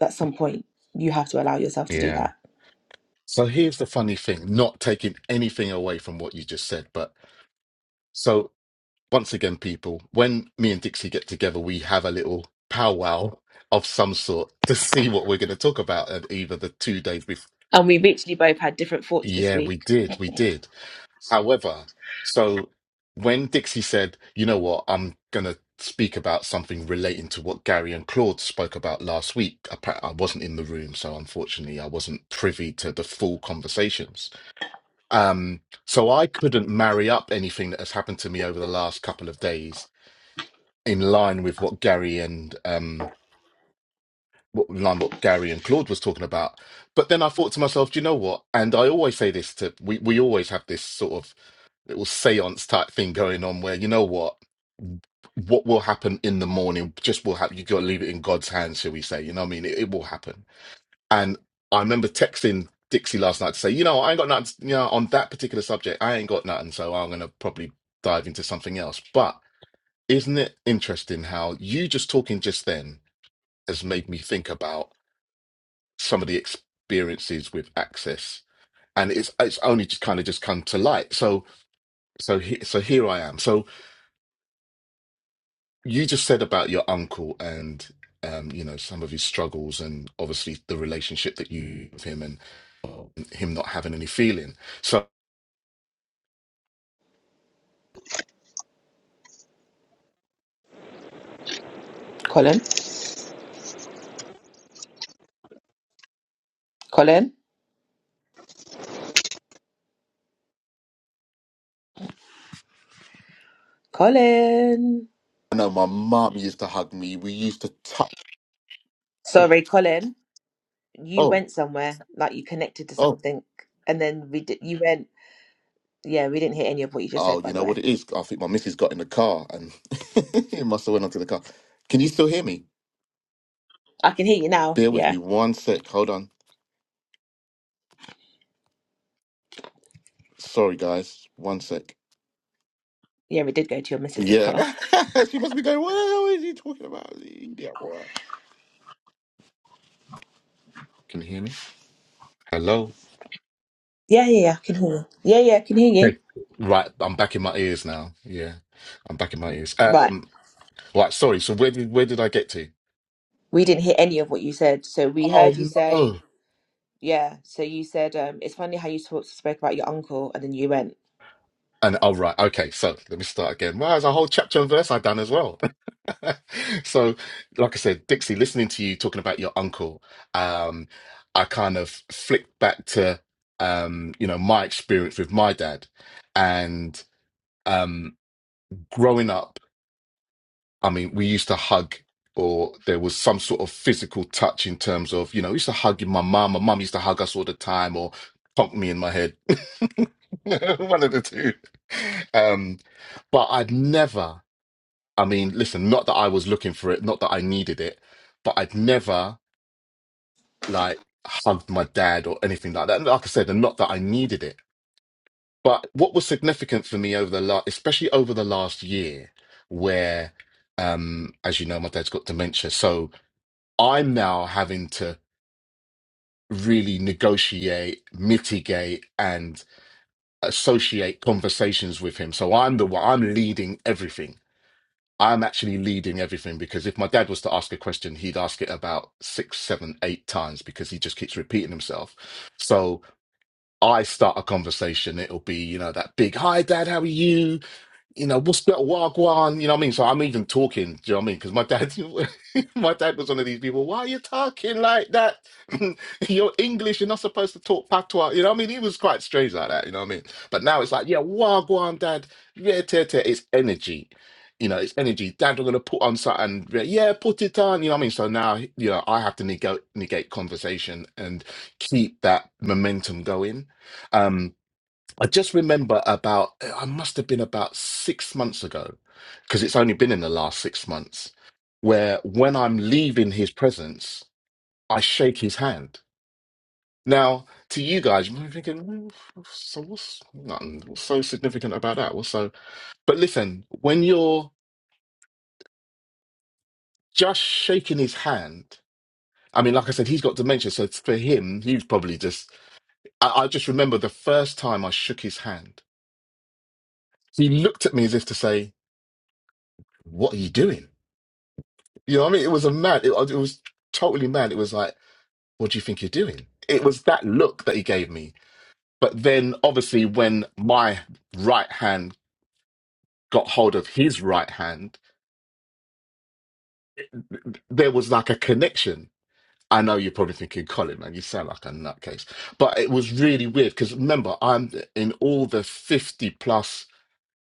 Speaker 1: at some point you have to allow yourself to do
Speaker 2: Yeah.
Speaker 1: that
Speaker 2: So here's the funny thing, not taking anything away from what you just said, but so once again, people, when me and Dixie get together, we have a little powwow of some sort to see what we're going to talk about at either the two days before.
Speaker 1: and we literally both had different thoughts this
Speaker 2: Yeah, we
Speaker 1: week
Speaker 2: did. We did. However, so when Dixie said, you know what, I'm going to speak about something relating to what Gary and Claude spoke about last week, appa- I wasn't in the room. So unfortunately, I wasn't privy to the full conversations. Um, so I couldn't marry up anything that has happened to me over the last couple of days in line with what Gary and, um, what, in line what Gary and Claude was talking about. But then I thought to myself, do you know what? And I always say this to, we, we always have this sort of little seance type thing going on where you know what what will happen in the morning just will happen you gotta leave it in god's hands shall we say you know what i mean it, it will happen and i remember texting dixie last night to say you know i ain't got nothing you know on that particular subject i ain't got nothing so i'm gonna probably dive into something else but isn't it interesting how you just talking just then has made me think about some of the experiences with access and it's it's only just kind of just come to light so so he, so here i am so you just said about your uncle and um, you know some of his struggles and obviously the relationship that you with him and him not having any feeling. So
Speaker 1: colin colin colin
Speaker 2: I know my mum used to hug me. We used to touch. Oh,
Speaker 1: sorry colin you
Speaker 2: oh,
Speaker 1: went somewhere like you connected to
Speaker 2: oh,
Speaker 1: something and then we did you went yeah we didn't hear any of what you just said
Speaker 2: oh. You
Speaker 1: by the
Speaker 2: know what
Speaker 1: way
Speaker 2: it is? I think my missus got in the car and it must have went onto the car. Can you still hear me?
Speaker 1: i can hear you now
Speaker 2: Bear
Speaker 1: Yeah.
Speaker 2: with me one sec. Hold on. Sorry, guys. One sec.
Speaker 1: Yeah, we did go to your missus's car.
Speaker 2: Yeah, she must be going. What the hell is he talking about? Yeah, boy. Can you hear me? Hello.
Speaker 1: Yeah, yeah, yeah, I can hear you. Yeah, yeah, I can hear you.
Speaker 2: Okay. Right, I'm back in my ears now. Yeah, I'm back in my ears.
Speaker 1: Right.
Speaker 2: Um, right, sorry. So where did where did I get to?
Speaker 1: We didn't hear any of what you said. So we
Speaker 2: Oh
Speaker 1: heard you say,
Speaker 2: no.
Speaker 1: yeah. So you said, um, it's funny how you talk, spoke about your uncle and then you went,
Speaker 2: And oh right, okay. So let me start again. Well, there's a whole chapter and verse I've done as well. so, like I said, Dixie, listening to you talking about your uncle, um, I kind of flicked back to um, you know, my experience with my dad and um growing up. I mean, we used to hug, or there was some sort of physical touch in terms of, you know, I used to hug my mum. My mum used to hug us all the time, or punk me in my head, one of the two. Um, but I'd never, I mean, listen, not that I was looking for it, not that I needed it, but I'd never like hugged my dad or anything like that. And Like I said, and not that I needed it. But what was significant for me over the last, especially over the last year, where, um, as you know, my dad's got dementia, so I'm now having to really negotiate, mitigate, and associate conversations with him. So I'm the one, I'm leading everything. I'm actually leading everything because if my dad was to ask a question, he'd ask it about six, seven, eight times because he just keeps repeating himself. So I start a conversation. It'll be, you know, that big, hi, dad, how are you? you know, what's that wagwan? You know what I mean? So I'm even talking, do you know what I mean? Because my dad, my dad was one of these people, why are you talking like that? You're English, you're not supposed to talk patois. You know what I mean? He was quite strange like that, you know what I mean? But now it's like, yeah, wagwan, dad, yeah, te, te, it's energy. You know, it's energy. Dad, we're gonna put on something. Yeah, yeah, put it on. You know what I mean. So now, you know, I have to negate negate conversation and keep that momentum going. Um, I just remember about, eh, I must have been about six months ago, because it's only been in the last six months, where when I'm leaving his presence, I shake his hand. Now, to you guys, you might be thinking, "Mm, so what's, nothing, what's so significant about that? What's so, but listen, when you're just shaking his hand, I mean, like I said, he's got dementia. So it's- for him, he's probably just, I, I just remember the first time I shook his hand. He looked at me as if to say, What are you doing? You know what I mean? It was a mad. It, it was totally mad. It was like, what do you think you're doing? It was that look that he gave me. But then, obviously, when my right hand got hold of his right hand, there was like a connection. I know you're probably thinking, Colin, man, you sound like a nutcase. But it was really weird because remember, I'm in all the 50 plus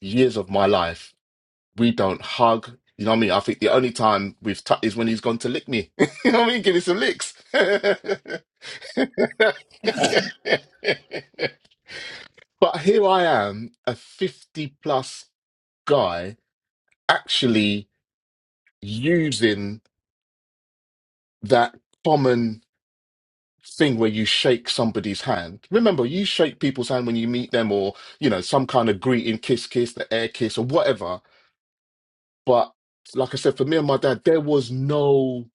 Speaker 2: years of my life, we don't hug. You know what I mean? I think the only time we've touched is when he's gone to lick me. you know what I mean? Give me some licks. but here I am, a 50 plus guy, actually using that common thing where you shake somebody's hand. Remember, you shake people's hand when you meet them or, you know, some kind of greeting, kiss, kiss, the air kiss or whatever. But like I said, for me and my dad, there was no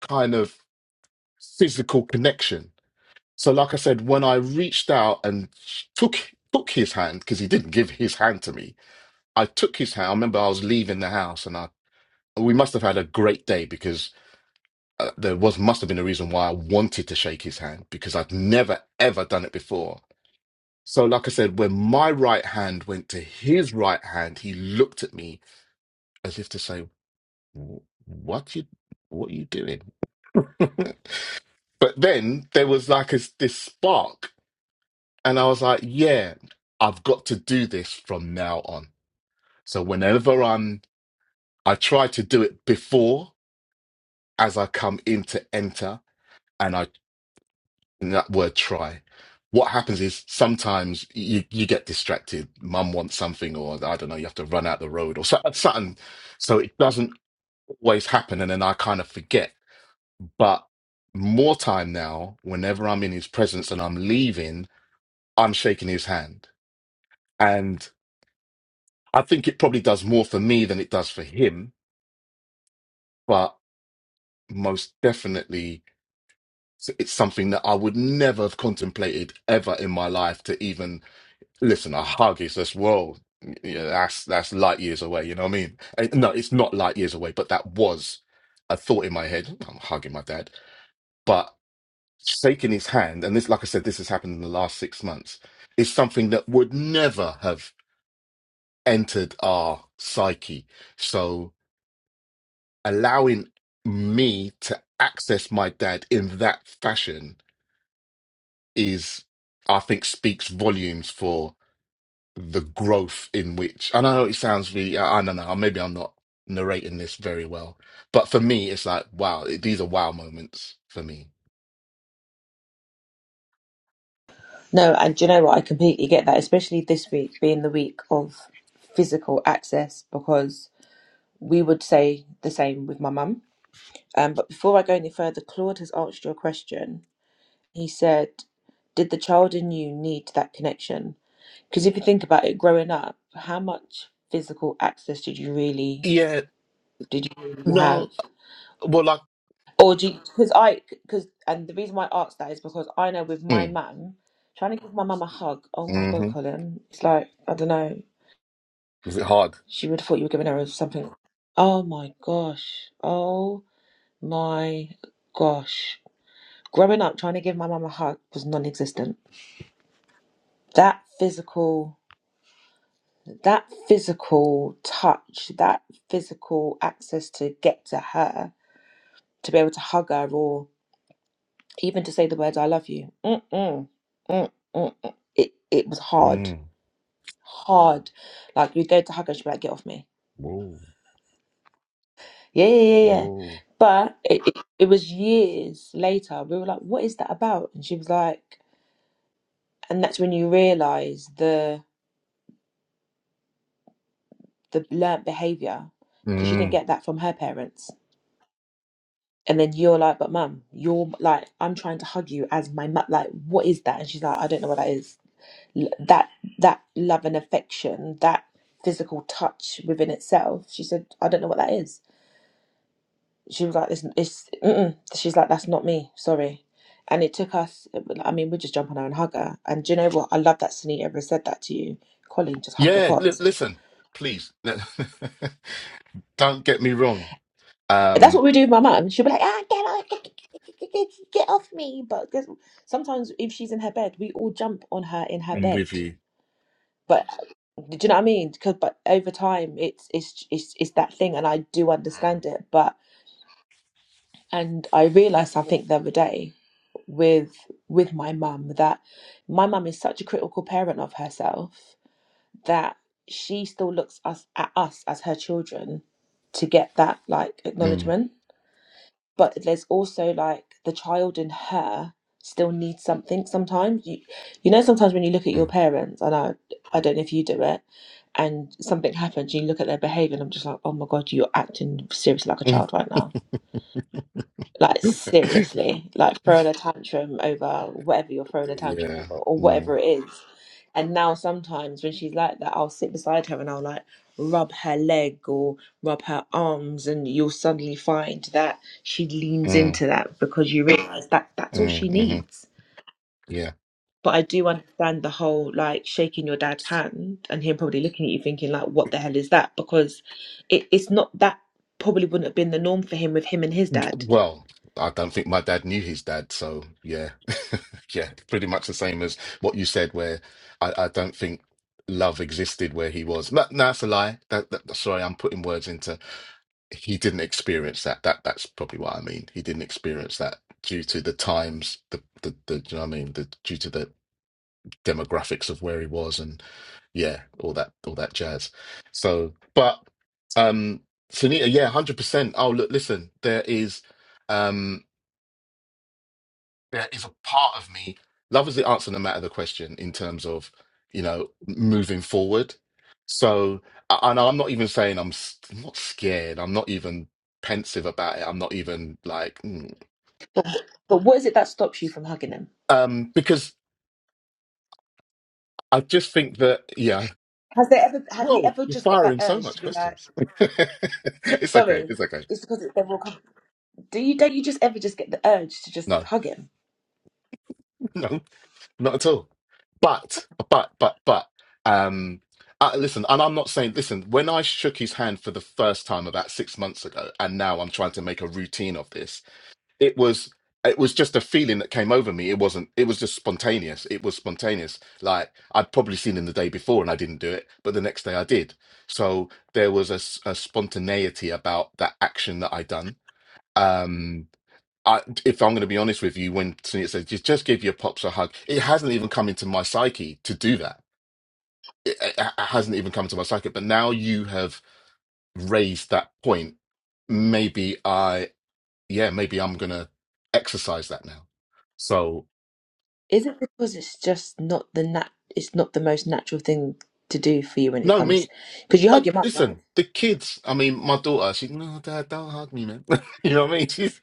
Speaker 2: kind of physical connection. So, like I said, when I reached out and took took his hand because he didn't give his hand to me, I took his house. I remember I was leaving the house, and I we must have had a great day because uh, there was must have been a reason why I wanted to shake his hand because I'd never ever done it before. So, like I said, when my right hand went to his right hand, he looked at me as if to say, "Wh- "What you, what are you doing?" but then there was like a, this spark, and I was like, "Yeah, I've got to do this from now on." So whenever I'm, I try to do it before as I come in to enter and I and that word try. What happens is sometimes you you get distracted. Mum wants something, or I don't know, you have to run out the road or so- something. So it doesn't always happen, and then I kind of forget. But more time now, whenever I'm in his presence and I'm leaving, I'm shaking his hand, and I think it probably does more for me than it does for him. But most definitely, So it's something that I would never have contemplated ever in my life to even listen. A hug is this world. Yeah, that's that's light years away. You know what I mean? And no, it's not light years away, but that was a thought in my head. I'm hugging my dad, but shaking his hand, and this, like I said, this has happened in the last six months, is something that would never have entered our psyche. So allowing me to access my dad in that fashion is, I think, speaks volumes for the growth in which. and I know it sounds really, I I don't know, maybe I'm not narrating this very well, but for me, it's like, wow, it- these are wow moments for me.
Speaker 1: no. And do you know what? I completely get that, especially this week being the week of physical access because we would say the same with my mum. Um, but before I go any further, Claude has asked you a question. He said, Did the child in you need that connection? Because if you think about it, growing up, how much physical access did you really
Speaker 2: Yeah,
Speaker 1: did you really
Speaker 2: no,
Speaker 1: have?
Speaker 2: well, like,
Speaker 1: Or do because I because and the reason why I asked that is because I know with my
Speaker 2: mm,
Speaker 1: mum, trying to give my mum a hug, oh my god,
Speaker 2: hmm
Speaker 1: Colin, it's like, I don't know,
Speaker 2: was it hard?
Speaker 1: she would have thought you were giving her something. Oh my gosh. Oh my gosh. growing up trying to give my mum a hug was non-existent that physical that physical touch that physical access to get to her to be able to hug her or even to say the words i love you mm-mm, mm-mm, mm. it, it was hard
Speaker 2: Mm,
Speaker 1: hard like you'd go to hug her she'd be like get off me
Speaker 2: whoa,
Speaker 1: yeah yeah yeah yeah
Speaker 2: whoa.
Speaker 1: but it, it, it was years later we were like what is that about and she was like and that's when you realize the." the learnt behavior because you didn't
Speaker 2: Mm.
Speaker 1: get that from her parents. And then you're like, but mum, you're like, I'm trying to hug you as my mum. Like, what is that? And she's like, I don't know what that is. L- That that love and affection, that physical touch within itself. She said, I don't know what that is. She was like, it's, it's mm-mm. she's like, that's not me. Sorry. And it took us. I mean, we just jump on her and hug her. And do you know what? I love that Sunita ever said that to you, Colleen. Just hug your
Speaker 2: Yeah, li-
Speaker 1: pops
Speaker 2: listen, please, don't get me wrong.
Speaker 1: And that's
Speaker 2: Um,
Speaker 1: what we do with my mum. She'll be like, ah, get off, get, get, get, get, get off me. But guess- sometimes if she's in her bed, we all jump on her in her
Speaker 2: I'm
Speaker 1: bed.
Speaker 2: with you.
Speaker 1: But uh, do you know what I mean? Because but over time, it's it's it's it's that thing, and I do understand it. But and I realized something the other day with with my mum that my mum is such a critical parent of herself that she still looks us at us as her children to get that like
Speaker 2: Mm,
Speaker 1: acknowledgement but there's also like the child in her still needs something sometimes you you know sometimes when you look at your parents and I I don't know if you do it and something happens you look at their behavior and I'm just like oh my god you're acting seriously like a
Speaker 2: mm,
Speaker 1: child right now
Speaker 2: mm.
Speaker 1: like seriously, like throwing a tantrum over whatever you're throwing a tantrum
Speaker 2: Yeah.
Speaker 1: over or
Speaker 2: Mm,
Speaker 1: whatever it is. And now sometimes when she's like that, I'll sit beside her and I'll like rub her leg or rub her arms and you'll suddenly find that she leans
Speaker 2: mm,
Speaker 1: into that because you realise that that's all
Speaker 2: mm,
Speaker 1: she
Speaker 2: hmm
Speaker 1: needs.
Speaker 2: Yeah.
Speaker 1: But I do understand the whole like shaking your dad's hand and him probably looking at you thinking like what the hell is that? Because it, it's not that probably wouldn't have been the norm for him with him and his dad
Speaker 2: Well, I don't think my dad knew his dad, so yeah. Yeah, pretty much the same as what you said, where I, I don't think love existed where he was. No, no, that's a lie. That, that, sorry, I'm putting words into he didn't experience that. That that's probably what I mean. He didn't experience that due to the times, the the, the do you know what I mean? The due to the demographics of where he was and. yeah, all that all that jazz. So, but um Sunita, yeah, hundred percent. Oh, look, listen, there is um there is a part of me. Love is the answer no matter the question in terms of you know moving forward. So, I, I know I'm not even saying I'm, s- I'm not scared. I'm not even pensive about it. I'm not even like mm.
Speaker 1: But what is it that stops you from hugging them?
Speaker 2: um because I just think that yeah.
Speaker 1: Has there ever have you
Speaker 2: Whoa,
Speaker 1: ever
Speaker 2: you're
Speaker 1: just got that
Speaker 2: firing so
Speaker 1: urge to
Speaker 2: much
Speaker 1: be like,
Speaker 2: questions. it's okay.
Speaker 1: sorry,
Speaker 2: It's okay.
Speaker 1: it's because it's are all. up? Do you don't you just ever just get the urge to just
Speaker 2: No.
Speaker 1: hug him?
Speaker 2: Not at all. But, but, but, but, um, uh, listen, and I'm not saying, listen, when I shook his hand for the first time about six months ago, and now I'm trying to make a routine of this, it was, it was just a feeling that came over me. It wasn't, it was just spontaneous. It was spontaneous. Like I'd probably seen him the day before and I didn't do it, but the next day I did. So there was a, s- a spontaneity about that action that I done. Um. I, if I'm going to be honest with you, when Sunita says just just give your pops a hug, it hasn't even come into my psyche to do that. It, it, it hasn't even come into my psyche. But now you have raised that point. Maybe I, yeah, maybe I'm going to exercise that now.
Speaker 1: Is it because it's just not the nat it's not the most natural thing to do for you when it
Speaker 2: No,
Speaker 1: comes
Speaker 2: me.
Speaker 1: because you
Speaker 2: Uh,
Speaker 1: hug your mum, right?
Speaker 2: listen, the kids. I mean, my daughter. She no, Dad, don't hug me, man. you know what I mean? She's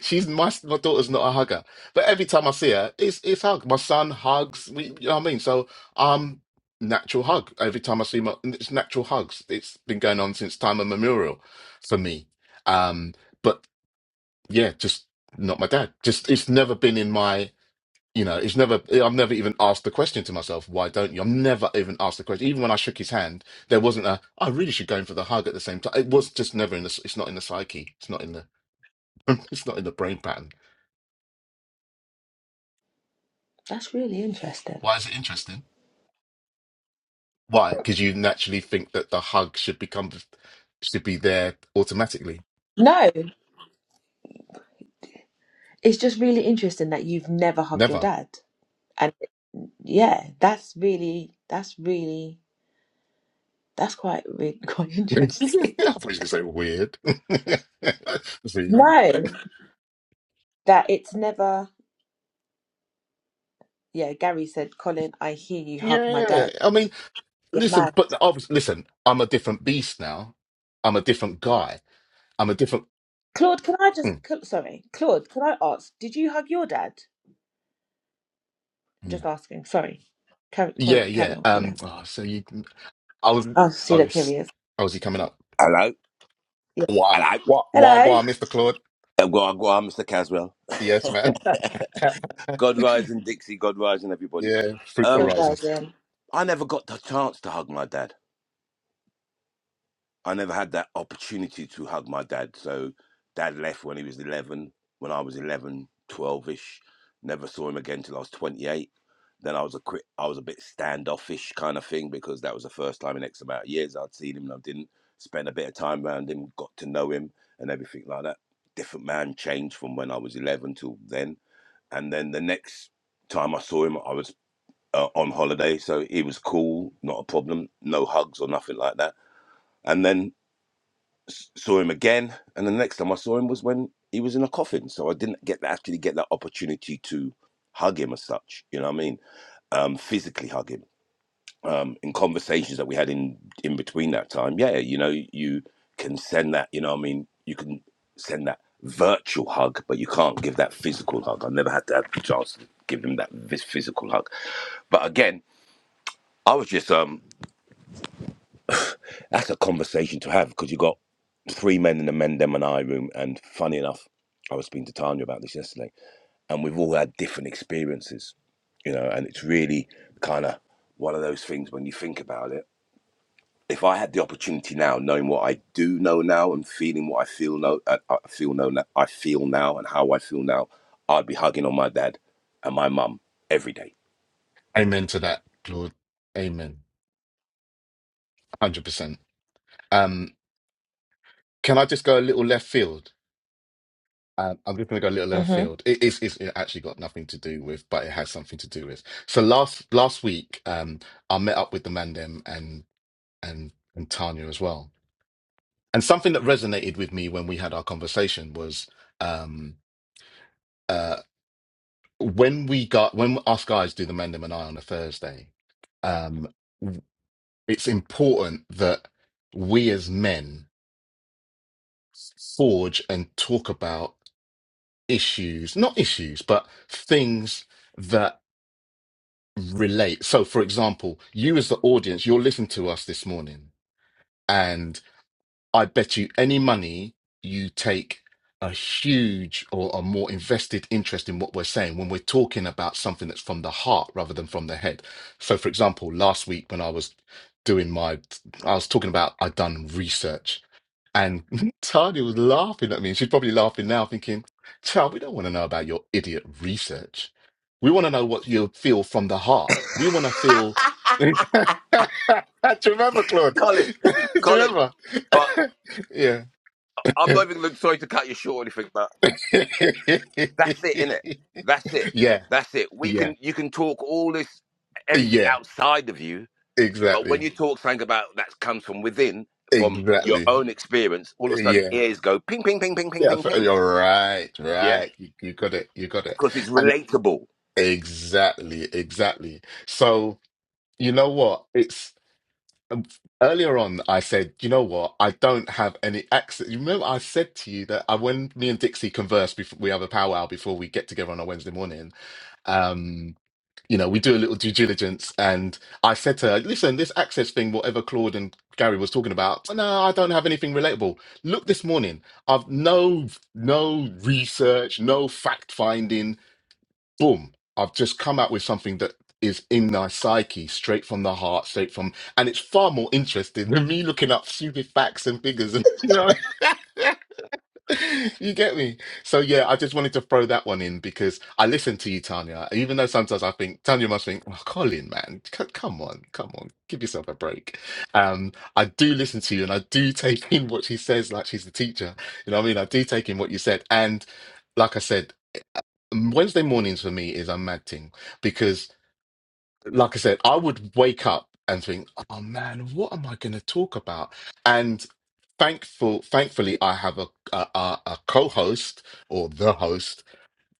Speaker 2: she's my my daughter's not a hugger, but every time I see her, it's it's hug. My son hugs. We, you know what I mean? So um, natural hug. Every time I see my, it's natural hugs. It's been going on since time immemorial for me. Um, but yeah, just not my dad. Just it's never been in my you know, it's never, I've never even asked the question to myself, why don't you? I've never even asked the question. Even when I shook his hand, there wasn't a, I really should go in for the hug at the same time. It was just never in the, it's not in the psyche. It's not in the, it's not in the brain pattern.
Speaker 1: That's really interesting.
Speaker 2: Why is it interesting? Why? Because you naturally think that the hug should become, should be there automatically.
Speaker 1: No, it's just really interesting that you've never hugged your
Speaker 2: Never.
Speaker 1: dad, and yeah, that's really that's really that's quite really, quite
Speaker 2: I thought you
Speaker 1: interesting.
Speaker 2: were going to say weird. That's weird.
Speaker 1: no, that it's never. Yeah, Gary said, Colin, I hear you hug my
Speaker 2: Yeah.
Speaker 1: dad.
Speaker 2: I mean,
Speaker 1: You're
Speaker 2: listen,
Speaker 1: mad.
Speaker 2: but obviously, listen, I'm a different beast now. I'm a different guy. I'm a different.
Speaker 1: Claude, can I
Speaker 2: Mm,
Speaker 1: just, Cla- sorry, Claude, can I ask, did you hug your dad? I'm
Speaker 2: mm.
Speaker 1: just asking, sorry. Carry,
Speaker 2: Yeah,
Speaker 1: carry,
Speaker 2: yeah.
Speaker 1: carry on,
Speaker 2: Um.
Speaker 1: Colin.
Speaker 2: oh, so you, I was,
Speaker 1: Oh, see,
Speaker 2: I
Speaker 1: look, here
Speaker 2: was,
Speaker 1: he is.
Speaker 2: I was he coming up?
Speaker 3: Hello.
Speaker 1: Yeah.
Speaker 2: Wah,
Speaker 3: Hello.
Speaker 2: wah, wah,
Speaker 1: Hello.
Speaker 2: wah, Mr. Claude.
Speaker 3: Uh, Go on, go on, Mr. Caswell.
Speaker 2: Yes, man.
Speaker 3: God rising, Dixie. God rising, everybody.
Speaker 2: Yeah, fruitful
Speaker 3: Um,
Speaker 1: Good
Speaker 2: risings.
Speaker 1: rising.
Speaker 3: I never got the chance to hug my dad. I never had that opportunity to hug my dad. So dad left when he was 11, when I was 11, 12ish. Never saw him again till I was 28. Then I was a quick, I was a bit standoffish kind of thing because that was the first time in X amount of years I'd seen him and I didn't spend a bit of time around him, got to know him and everything like that. Different man changed from when I was 11 till then. And then the next time I saw him, I was uh, on holiday, so he was cool, not a problem, no hugs or nothing like that. And then s- saw him again, and the next time I saw him was when he was in a coffin. So I didn't get actually get that opportunity to hug him as such. You know what I mean? Um, physically hug him. Um, in conversations that we had in in between that time, yeah, you know, you can send that. You know what I mean? You can send that virtual hug, but you can't give that physical hug. I never had to have the chance to give him that vis- physical hug. But again, I was just um That's a conversation to have because you got three men in the men, them, and I room. And funny enough, I was speaking to Tanya about this yesterday, and we've all had different experiences, you know. And it's really kind of one of those things when you think about it. If I had the opportunity now, knowing what I do know now and feeling what I feel know, I I feel know, now- I feel now, and how I feel now, I'd be hugging on my dad and my mum every day.
Speaker 2: Amen to that, Claude. Amen. Hundred percent. Um. Can I just go a little left field? Um, I'm just going to go a little left
Speaker 1: Mm-hmm.
Speaker 2: field. It, it's, it's it actually got nothing to do with, but it has something to do with. So last last week, um, I met up with the man them and and and Tanya as well. And something that resonated with me when we had our conversation was um, uh, when we got when us guys do the Mendham and I on a Thursday. Um, w- it's important that we as men forge and talk about issues, not issues, but things that relate. So, for example, you as the audience, you're listening to us this morning, I bet you any money you take a huge or a more invested interest in what we're saying when we're talking about something that's from the heart rather than from the head. So, for example, last week when I was doing my, I was talking about I'd done research and Tanya was laughing at me. She's probably laughing now, thinking, Child, we don't want to know about your idiot research. We want to know what you feel from the heart. We want to feel. Do you remember, Claude?
Speaker 3: Colin,
Speaker 2: Do you
Speaker 3: Colin,
Speaker 2: remember?
Speaker 3: but
Speaker 2: yeah.
Speaker 3: I'm not even sorry to cut you short or anything, but That's it, innit? That's it.
Speaker 2: yeah.
Speaker 3: That's it. We
Speaker 2: Yeah.
Speaker 3: can you can talk all this everything
Speaker 2: Yeah.
Speaker 3: outside of you, but when
Speaker 2: Exactly.
Speaker 3: you talk something about that comes from within, from your
Speaker 2: Exactly.
Speaker 3: own experience, all of a sudden
Speaker 2: Yeah.
Speaker 3: ears go ping ping ping ping ping
Speaker 2: Yeah.
Speaker 3: ping
Speaker 2: f-
Speaker 3: ping.
Speaker 2: You're right.
Speaker 3: Yeah?
Speaker 2: Right. You, you got it. You got it.
Speaker 3: Because it's
Speaker 2: And it,
Speaker 3: relatable.
Speaker 2: exactly. Exactly. So. You know what? It's um, earlier on. I said, you know what? I don't have any accent. You remember I said to you that I, when me and Dixie converse before we have a powwow before we get together on a Wednesday morning. Um, you know, we do a little due diligence, and I said to her, "Listen, this access thing, whatever Claude and Gary was talking about. No, I don't have anything relatable. Look, this morning, I've no no research, no fact finding boom, I've just come out with something that is in my psyche, straight from the heart, straight from, and it's far more interesting than me looking up stupid facts and figures. And you know, you get me. So yeah, I just wanted to throw that one in because I listen to you, Tanya. Even though sometimes I think Tanya must think, oh, Colin, man, c- come on, come on, give yourself a break. Um, I do listen to you, and I do take in what she says, like she's the teacher. You know what I mean? I do take in what you said, and like I said, Wednesday mornings for me is a mad thing because like I said, I would wake up and think, "Oh man, what am I going to talk about?" And thankful, thankfully, I have a a, a a co-host or the host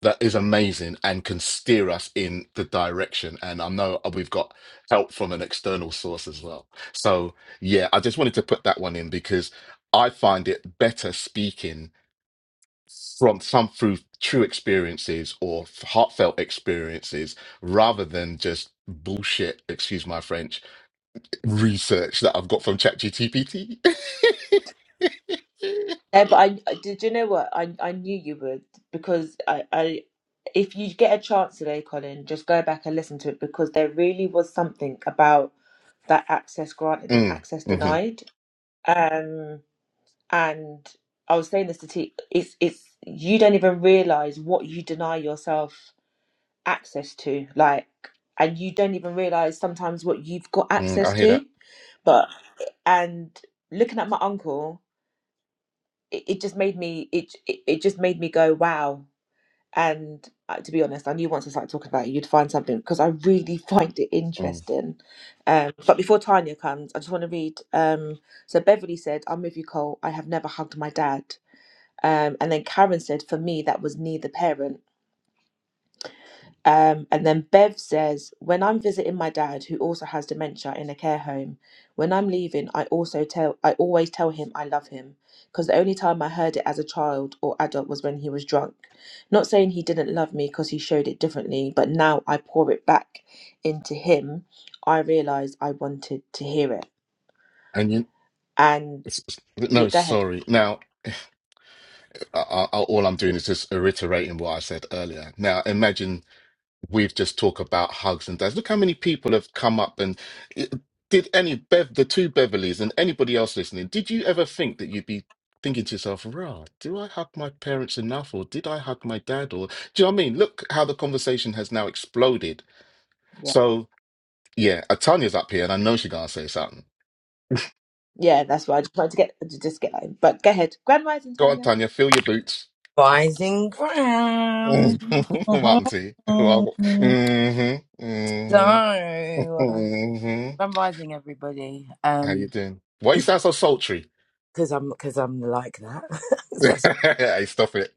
Speaker 2: that is amazing and can steer us in the direction. And I know we've got help from an external source as well. So yeah, I just wanted to put that one in because I find it better speaking from some through true experiences or f- heartfelt experiences rather than just bullshit, excuse my French, research that I've got from ChatGPT.
Speaker 1: Yeah, but I, I- did you know what? I, I knew you would because I, I, if you get a chance today, Colin, just go back and listen to it because there really was something about that access granted and
Speaker 2: mm,
Speaker 1: access
Speaker 2: mhm,
Speaker 1: denied. Um, And I was saying this to T, it's it's you don't even realize what you deny yourself access to, like, and you don't even realize sometimes what you've got
Speaker 2: mm,
Speaker 1: access
Speaker 2: I hear
Speaker 1: to.
Speaker 2: that.
Speaker 1: But and looking at my uncle, it, it just made me it, it it just made me go wow. And uh, to be honest, I knew once I started talking about it, you'd find something because I really find it
Speaker 2: Mm.
Speaker 1: interesting. Um, but before Tanya comes, I just want to read. Um, so Beverly said, "I'm with you, Cole. I have never hugged my dad." Um, and then Karen said, for me, that was neither parent. Um, and then Bev says, when I'm visiting my dad, who also has dementia in a care home, when I'm leaving, I also tell, I always tell him I love him because the only time I heard it as a child or adult was when he was drunk. Not saying he didn't love me because he showed it differently, but now I pour it back into him. I realize I wanted to hear it.
Speaker 2: And you,
Speaker 1: And
Speaker 2: it's, it's-
Speaker 1: yeah,
Speaker 2: no,
Speaker 1: go ahead.
Speaker 2: sorry. Now, I, I, all I'm doing is just reiterating what I said earlier. Now, imagine we've just talked about hugs and dads. Look how many people have come up and eh, did any Bev, the two Beverleys and anybody else listening, did you ever think that you'd be thinking to yourself, rah, do I hug my parents enough or did I hug my dad? Or do you know what I mean? Look how the conversation has now exploded.
Speaker 1: Yeah,
Speaker 2: So yeah, uh, Tanya's up here and I know she's gonna say something.
Speaker 1: yeah, that's why I just wanted to get to just get that in. But go ahead, Grand Rising,
Speaker 2: Go on,
Speaker 1: Tanya.
Speaker 2: Tanya, fill your boots.
Speaker 4: Rising Ground.
Speaker 2: Mm. what happened to you?
Speaker 4: Mhm.
Speaker 2: mm-hmm,
Speaker 4: so
Speaker 2: mm-hmm, mm-hmm.
Speaker 4: I'm rising everybody.
Speaker 2: How you
Speaker 4: Um
Speaker 2: doing? Why you
Speaker 4: it's
Speaker 2: sound so sultry?
Speaker 4: because I'm because I'm like that. that's
Speaker 2: I stop it.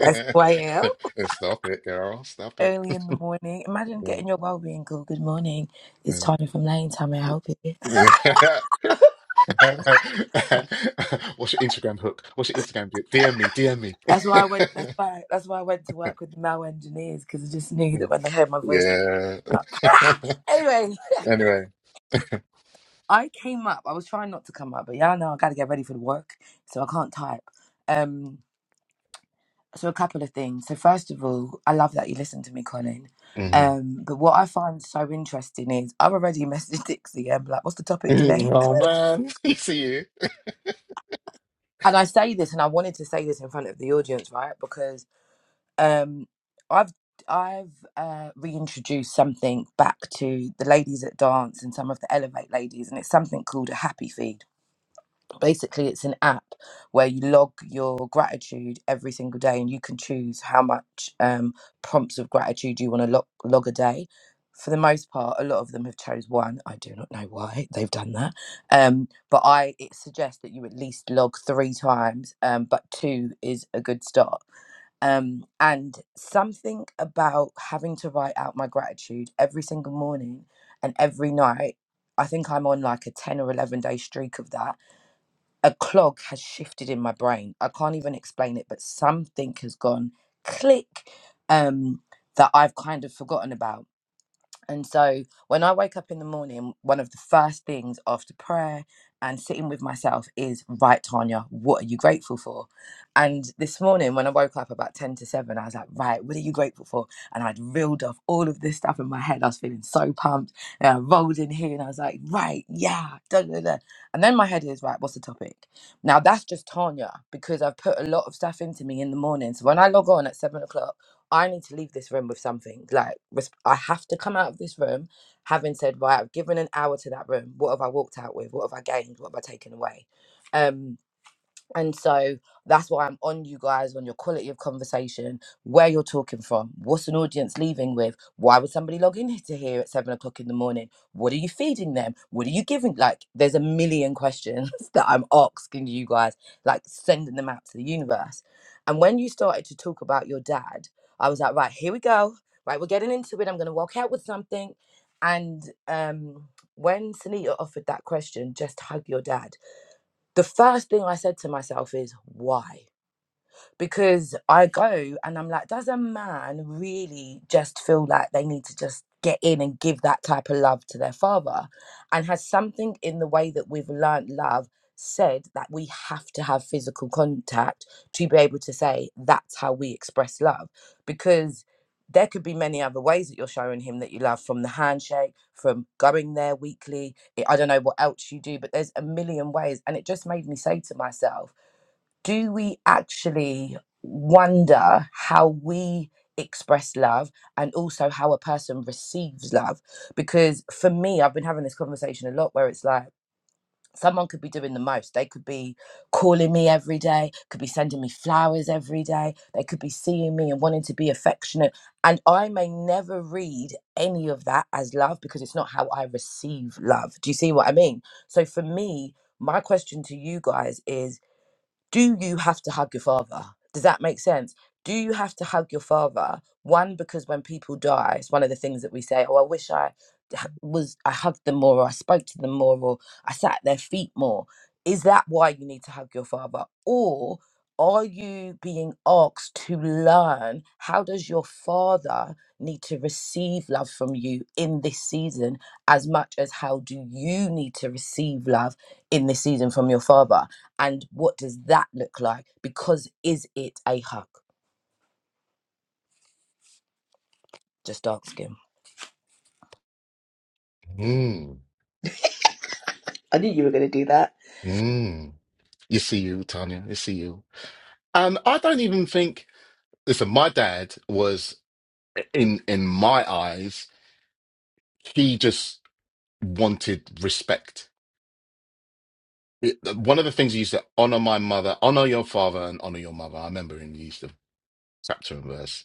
Speaker 4: that's who I am.
Speaker 2: And stop it, girl. Stop it.
Speaker 4: Early in the morning. Imagine
Speaker 2: Yeah.
Speaker 4: getting your well being call. Good morning. It's Tanya from Lane. Time may I help you.
Speaker 2: Yeah. yeah. What's your Instagram hook? What's your Instagram? bit? DM me, DM me.
Speaker 4: That's why I went that's why that's why I went to work with the male engineers because I just knew that when they heard my voice they
Speaker 2: Yeah.
Speaker 4: would up. anyway,
Speaker 2: Anyway.
Speaker 4: I came up. I was trying not to come up, but y'all know I got to get ready for the work, so I can't type. Um, so a couple of things. So first of all, I love that you listen to me, Colin.
Speaker 2: Mhm.
Speaker 4: Um, but what I find so interesting is I've already messaged Dixie and be like, "What's the topic
Speaker 2: Mm,
Speaker 4: today?"
Speaker 2: Oh man, you see you.
Speaker 4: And I say this, and I wanted to say this in front of the audience, right? Because um, I've I've uh, reintroduced something back to the ladies at dance and some of the Elevate ladies, and it's something called a happy feed basically it's an app where you log your gratitude every single day and you can choose how much um, prompts of gratitude you want to log, log a day for the most part a lot of them have chose one i do not know why they've done that um, but i it suggests that you at least log three times um, but two is a good start um, and something about having to write out my gratitude every single morning and every night i think i'm on like a 10 or 11 day streak of that a clog has shifted in my brain. I can't even explain it, but something has gone click um, that I've kind of forgotten about. And so when I wake up in the morning, one of the first things after prayer and sitting with myself is, right, Tanya, what are you grateful for? And this morning, when I woke up about 10 to 7, I was like, right, what are you grateful for? And I'd reeled off all of this stuff in my head. I was feeling so pumped. And I rolled in here and I was like, right, yeah, da da da. And then my head is, right, what's the topic? Now that's just Tanya because I've put a lot of stuff into me in the morning. So when I log on at 7 o'clock, I need to leave this room with something. Like, res- I have to come out of this room having said, right, I've given an hour to that room. What have I walked out with? What have I gained? What have I taken away? Um, and so that's why I'm on you guys on your quality of conversation, where you're talking from, what's an audience leaving with, why would somebody log in to here at seven o'clock in the morning? What are you feeding them? What are you giving? Like, there's a million questions that I'm asking you guys, like sending them out to the universe. And when you started to talk about your dad, I was like, right, here we go. Right, we're getting into it. I'm going to walk out with something. And um, when Sunita offered that question, just hug your dad the first thing I said to myself is, why? because I go and I'm like, does a man really just feel like they need to just get in and give that type of love to their father? And has something in the way that we've learnt love said that we have to have physical contact to be able to say that's how we express love? Because there could be many other ways that you're showing him that you love from the handshake, from going there weekly. I I don't know what else you do, but there's a million ways. And it just made me say to myself, do we actually wonder how we express love and also how a person receives love? Because for me, I've been having this conversation a lot where it's like, someone could be doing the most. They could be calling me every day, could be sending me flowers every day. They could be seeing me and wanting to be affectionate. And I may never read any of that as love because it's not how I receive love. Do you see what I mean? So for me, my question to you guys is do you have to hug your father? Does that make sense? Do you have to hug your father? One, because when people die, it's one of the things that we say, oh, I wish I h- was, I hugged them more, or I spoke to them more, or I sat at their feet more. Is that why you need to hug your father? Or are you being asked to learn how does your father need to receive love from you in this season as much as how do you need to receive love in this season from your father? And what does that look like? Because is it a hug? Just ask him.
Speaker 2: Mm.
Speaker 1: I knew you were going to do that.
Speaker 2: Mm. You see you, Tanya. You see you. Um. I don't even think, listen, my dad was in in my eyes, he just wanted respect. It, one of the things he used to honor my mother, honor your father, and honor your mother. I remember him, he used to chapter and verse.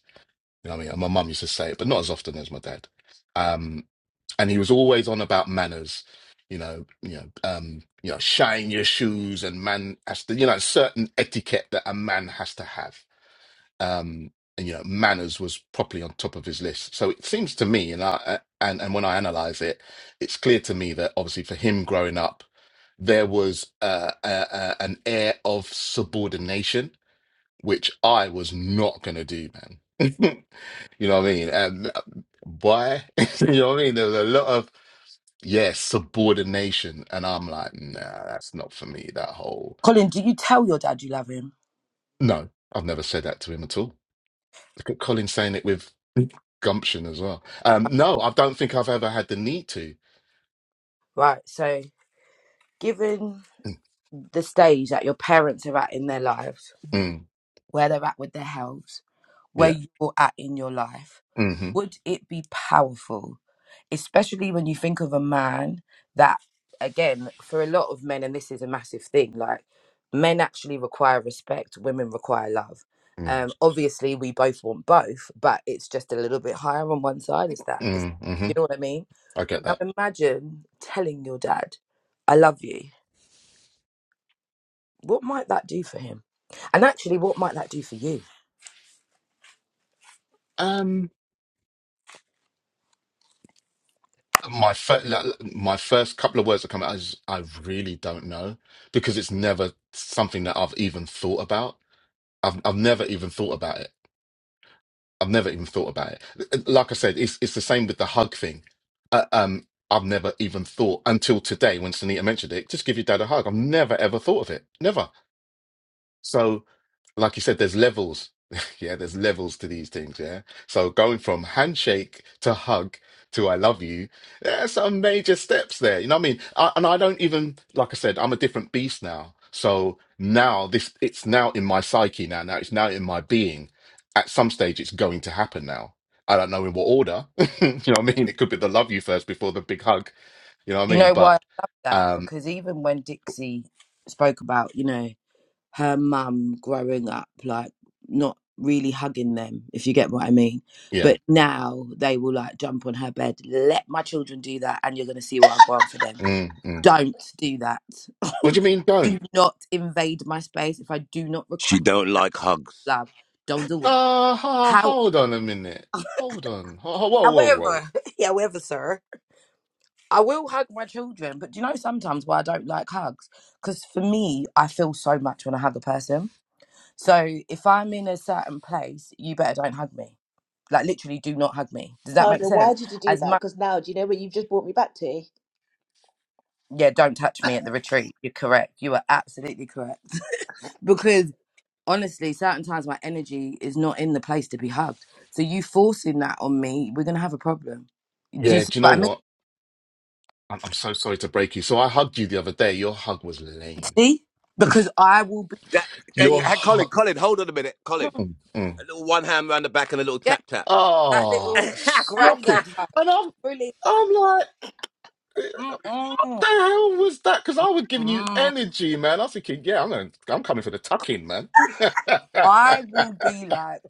Speaker 2: You know what I mean? And my mum used to say it, but not as often as my dad. Um, and he was always on about manners. You know, you know, um, you know, shine your shoes and man has to, you know, certain etiquette that a man has to have um, and you know manners was properly on top of his list. So it seems to me, and I uh, and and when I analyze it, it's clear to me that obviously for him growing up, there was uh, a, a, an air of subordination, which I was not going to do, man. you know what I mean? Um, why? you know what I mean? There was a lot of yeah subordination, and I'm like, nah, that's not for me. That whole
Speaker 4: Colin, do you tell your dad you love him?
Speaker 2: no, I've never said that to him at all. Look at Colin saying it with gumption as well. Um, no, I don't think I've ever had the need to.
Speaker 4: Right. So, given
Speaker 2: Mm,
Speaker 4: the stage that your parents are at in their lives,
Speaker 2: mm,
Speaker 4: where they're at with their health, where
Speaker 2: yeah.
Speaker 4: you're at in your life,
Speaker 2: hmm
Speaker 4: would it be powerful? Especially when you think of a man that, again, for a lot of men, and this is a massive thing, like men actually require respect, women require love.
Speaker 2: Mm,
Speaker 4: Um, obviously, we both want both, but it's just a little bit higher on one side. Is that, is,
Speaker 2: mm, hmm
Speaker 4: you know what I mean?
Speaker 2: I get
Speaker 4: Now
Speaker 2: that.
Speaker 4: imagine telling your dad, I love you. What might that do for him? And actually, what might that do for you?
Speaker 2: Um, my first, my first couple of words that come out is I really don't know because it's never something that I've even thought about. I've I've never even thought about it. I've never even thought about it. Like I said, it's it's the same with the hug thing. Uh, um, I've never even thought until today when Sunita mentioned it. Just give your dad a hug. I've never ever thought of it. Never. So, like you said, there's levels. Yeah, there's levels to these things. Yeah. So going from handshake to hug to I love you, there's some major steps there. You know what I mean? I, and I don't even, like I said, I'm a different beast now. So now this, it's now in my psyche now. Now it's now in my being. At some stage, it's going to happen now. I don't know in what order. you know what I mean? It could be the love you first before the big hug. You know what I
Speaker 4: You
Speaker 2: mean?
Speaker 4: know why
Speaker 2: But
Speaker 4: I love that?
Speaker 2: um,
Speaker 4: Because even when Dixie spoke about, you know, her mum growing up, like not really hugging them, if you get what I mean.
Speaker 2: yeah.
Speaker 4: But now they will like jump on her bed, let my children do that, and you're going to see what I go on for them.
Speaker 2: Mm, mm.
Speaker 4: Don't do that.
Speaker 2: What do you mean?
Speaker 4: Do
Speaker 2: Don't?
Speaker 4: not invade my space. If I do not
Speaker 3: She
Speaker 4: request
Speaker 3: don't like hugs.
Speaker 4: love, don't do it.
Speaker 2: Uh, ho-
Speaker 4: How,
Speaker 2: hold on a minute. Hold on. Ho- ho- Whoa, whoa, whoa.
Speaker 4: However, however, sir. I will hug my children, but do you know sometimes why I don't like hugs? Because for me, I feel so much when I hug a person. So if I'm in a certain place, you better don't hug me. Like literally, do not hug me. Does that make
Speaker 1: Tanya, why
Speaker 4: sense?
Speaker 1: did you do
Speaker 4: As
Speaker 1: that?
Speaker 4: much,
Speaker 1: Because now, do you know what you've just brought me back to?
Speaker 4: yeah, don't touch me at the retreat. You're correct. You are absolutely correct. because honestly, certain times my energy is not in the place to be hugged. So you forcing that on me, we're gonna have a problem. Do you
Speaker 2: Yeah,
Speaker 4: see
Speaker 2: do you know
Speaker 4: what I mean?
Speaker 2: what? I'm, I'm so sorry to break you. So I hugged you the other day. Your hug was lame.
Speaker 4: See, because I will
Speaker 3: That hey,
Speaker 4: be.
Speaker 2: Your
Speaker 3: hey Colin,
Speaker 2: hug.
Speaker 3: Colin, hold on a minute. Colin.
Speaker 2: Mm, mm.
Speaker 3: A little one hand round the back and a little
Speaker 4: Yeah,
Speaker 3: tap tap.
Speaker 4: That
Speaker 2: Oh,
Speaker 4: little
Speaker 2: shocking.
Speaker 4: granddad hat.
Speaker 2: And I'm,
Speaker 4: Really.
Speaker 2: I'm like, what
Speaker 4: Mm-mm.
Speaker 2: the hell was that? Because I was giving you
Speaker 4: Mm.
Speaker 2: energy, man. I was thinking, yeah, I'm gonna, I'm coming for the tuck in, man.
Speaker 4: I will be like,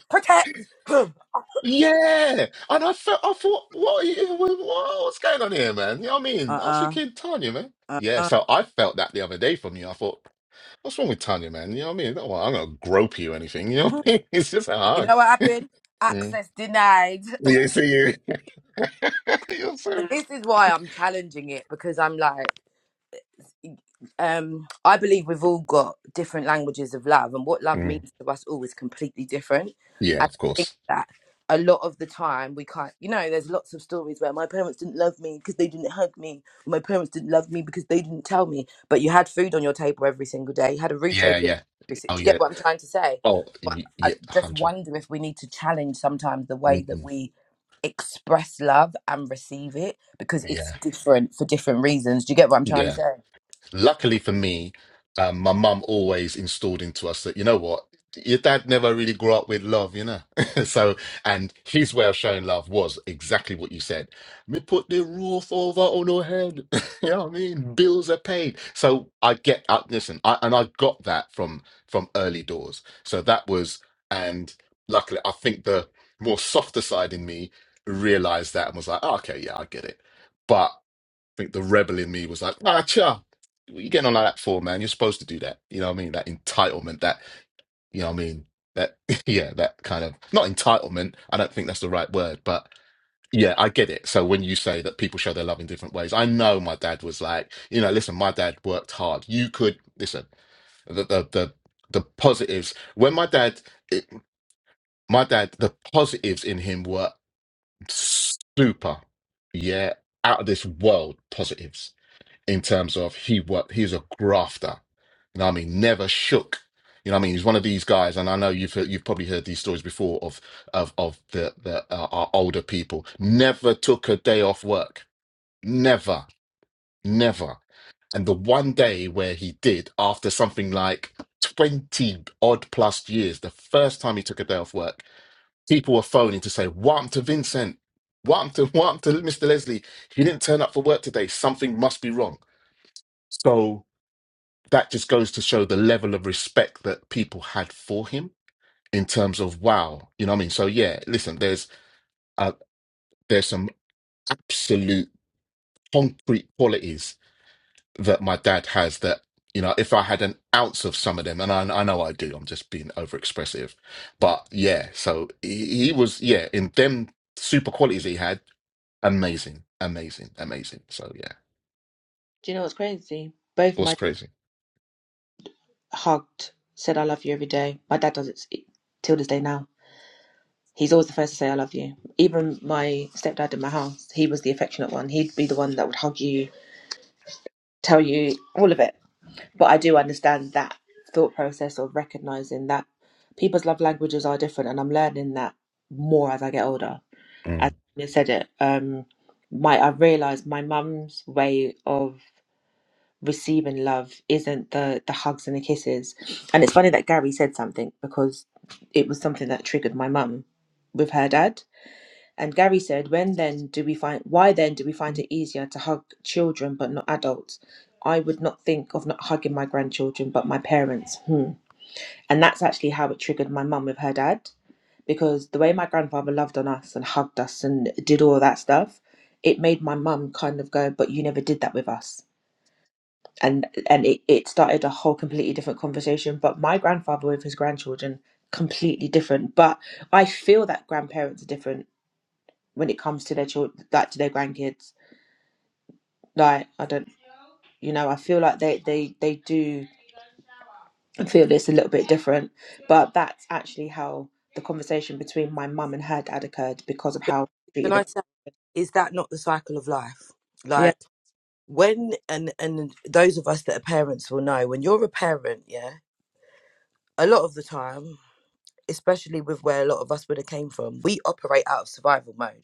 Speaker 4: protect him.
Speaker 2: Yeah, and I felt I thought, what, are you, what, what's going on here, man? You know what I mean? I was
Speaker 4: Uh-uh.
Speaker 2: thinking, Tanya, man. Yeah,
Speaker 4: Uh-uh.
Speaker 2: so I felt that the other day from you. I thought, what's wrong with Tanya, man? You know what I mean? Not, well, I'm gonna grope you or anything. You know what I mean? It's just a
Speaker 4: You
Speaker 2: hug.
Speaker 4: know what happened?
Speaker 2: Mm.
Speaker 4: Access denied.
Speaker 2: Yeah, see you. You're so.
Speaker 4: But
Speaker 2: right.
Speaker 4: this is why I'm challenging it because I'm like, um i believe we've all got different languages of love and what love
Speaker 2: Mm.
Speaker 4: means to us all is completely different
Speaker 2: Yeah,
Speaker 4: And i
Speaker 2: of
Speaker 4: think
Speaker 2: course.
Speaker 4: that a lot of the time we can't you know there's lots of stories where my parents didn't love me because they didn't hug me or my parents didn't love me because they didn't tell me but you had food on your table every single day you had a roof over
Speaker 2: Yeah,
Speaker 4: your
Speaker 2: yeah.
Speaker 4: every si- do
Speaker 2: Oh
Speaker 4: you
Speaker 2: yeah.
Speaker 4: get what i'm trying to say
Speaker 2: Oh
Speaker 4: but
Speaker 2: y-
Speaker 4: i
Speaker 2: yeah.
Speaker 4: just
Speaker 2: Hundred.
Speaker 4: wonder if we need to challenge sometimes the way that
Speaker 2: Mm-mm.
Speaker 4: we express love and receive it because it's
Speaker 2: Yeah.
Speaker 4: different for different reasons do you get what i'm trying
Speaker 2: Yeah.
Speaker 4: to say
Speaker 2: Luckily for me, um, my mum always installed into us that, you know what, your dad never really grew up with love, you know? so, and his way of showing love was exactly what you said. Me put the roof over on her head. you know what I mean? Mm. Bills are paid. So I get, uh, listen, I, and I got that from from early doors. So that was, and luckily, I think the more softer side in me realized that and was like, oh, okay, yeah, I get it. but think the rebel in me was like, ah, cha, what you getting on like that for, man? You're supposed to do that. You know what I mean? That entitlement, that, you know what I mean? That, yeah, that kind of, not entitlement. I don't think that's the right word, but yeah, I get it. So when you say that people show their love in different ways, I know my dad was like, you know, listen, my dad worked hard. You could, listen, the, the, the, the positives, when my dad, it, my dad, the positives in him were super, yeah, out of this world positives in terms of he what he's a grafter. You know what I mean? Never shook. You know what I mean? He's one of these guys, and I know you've heard, you've probably heard these stories before of of of the the uh, our older people. Never took a day off work. Never, never. And the one day where he did, after something like twenty odd plus years, the first time he took a day off work, people were phoning to say, "What happened to Vincent? What happened to what happened to Mr. Leslie? He didn't turn up for work today. Something must be wrong." that just goes to show the level of respect that people had for him in terms of wow you know what i mean so yeah listen there's uh, there's some absolute concrete qualities that my dad has that you know if i had an ounce of some of them and i, I know i do i'm just being over expressive but yeah so he, he was yeah in them super qualities he had amazing amazing amazing so yeah
Speaker 1: Do you know what's crazy?
Speaker 2: it
Speaker 1: Both
Speaker 2: was
Speaker 1: my
Speaker 2: crazy
Speaker 1: hugged, said I love you every day. My dad does it s- till this day now. He's always the first to say, I love you. Even my stepdad in my house, he was the affectionate one. He'd be the one that would hug you, tell you all of it. But I do understand that thought process of recognizing that people's love languages are different. And I'm learning that more as I get older. As
Speaker 2: Mm.
Speaker 1: you said it, um, my I've realized my mum's way of receiving love isn't the, the hugs and the kisses. And it's funny that Gary said something because it was something that triggered my mum with her dad and Gary said, "When then do we find? Why then do we find it easier to hug children but not adults? I would not think of not hugging my grandchildren but my parents." Hmm. And that's actually how it triggered my mum with her dad because the way my grandfather loved on us and hugged us and did all that stuff, it made my mum kind of go, "But you never did that with us." And and it, it started a whole completely different conversation. But my grandfather with his grandchildren completely different. But I feel that grandparents are different when it comes to their children, that to their grandkids. Like I don't, you know, I feel like they they they do feel this a little bit different, but that's actually how the conversation between my mum and her dad occurred because of how I
Speaker 4: can
Speaker 1: treated the
Speaker 4: I say, is that not the cycle of life?
Speaker 1: yeah.
Speaker 4: Like when and and those of us that are parents will know when you're a parent, yeah, a lot of the time, especially with where a lot of us would have came from, we operate out of survival mode,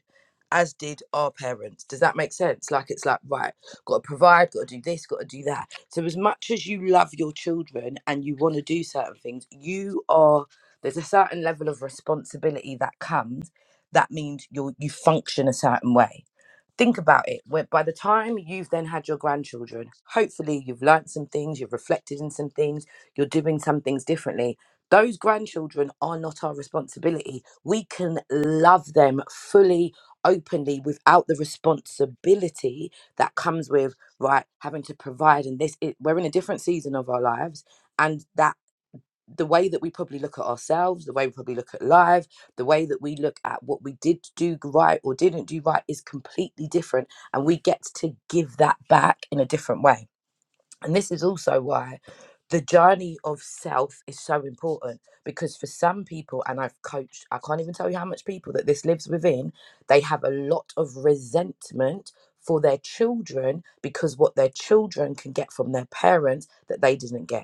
Speaker 4: as did our parents. Does that make sense? Like it's like right, got to provide, got to do this, got to do that. So as much as you love your children and you want to do certain things, you are there's a certain level of responsibility that comes. That means you you function a certain way think about it where by the time you've then had your grandchildren hopefully you've learned some things you've reflected in some things you're doing some things differently those grandchildren are not our responsibility we can love them fully openly without the responsibility that comes with right having to provide and this it, we're in a different season of our lives and that the way that we probably look at ourselves, the way we probably look at life, the way that we look at what we did do right or didn't do right is completely different. And we get to give that back in a different way. And this is also why the journey of self is so important because for some people, and I've coached, I can't even tell you how much people that this lives within, they have a lot of resentment for their children because what their children can get from their parents that they didn't get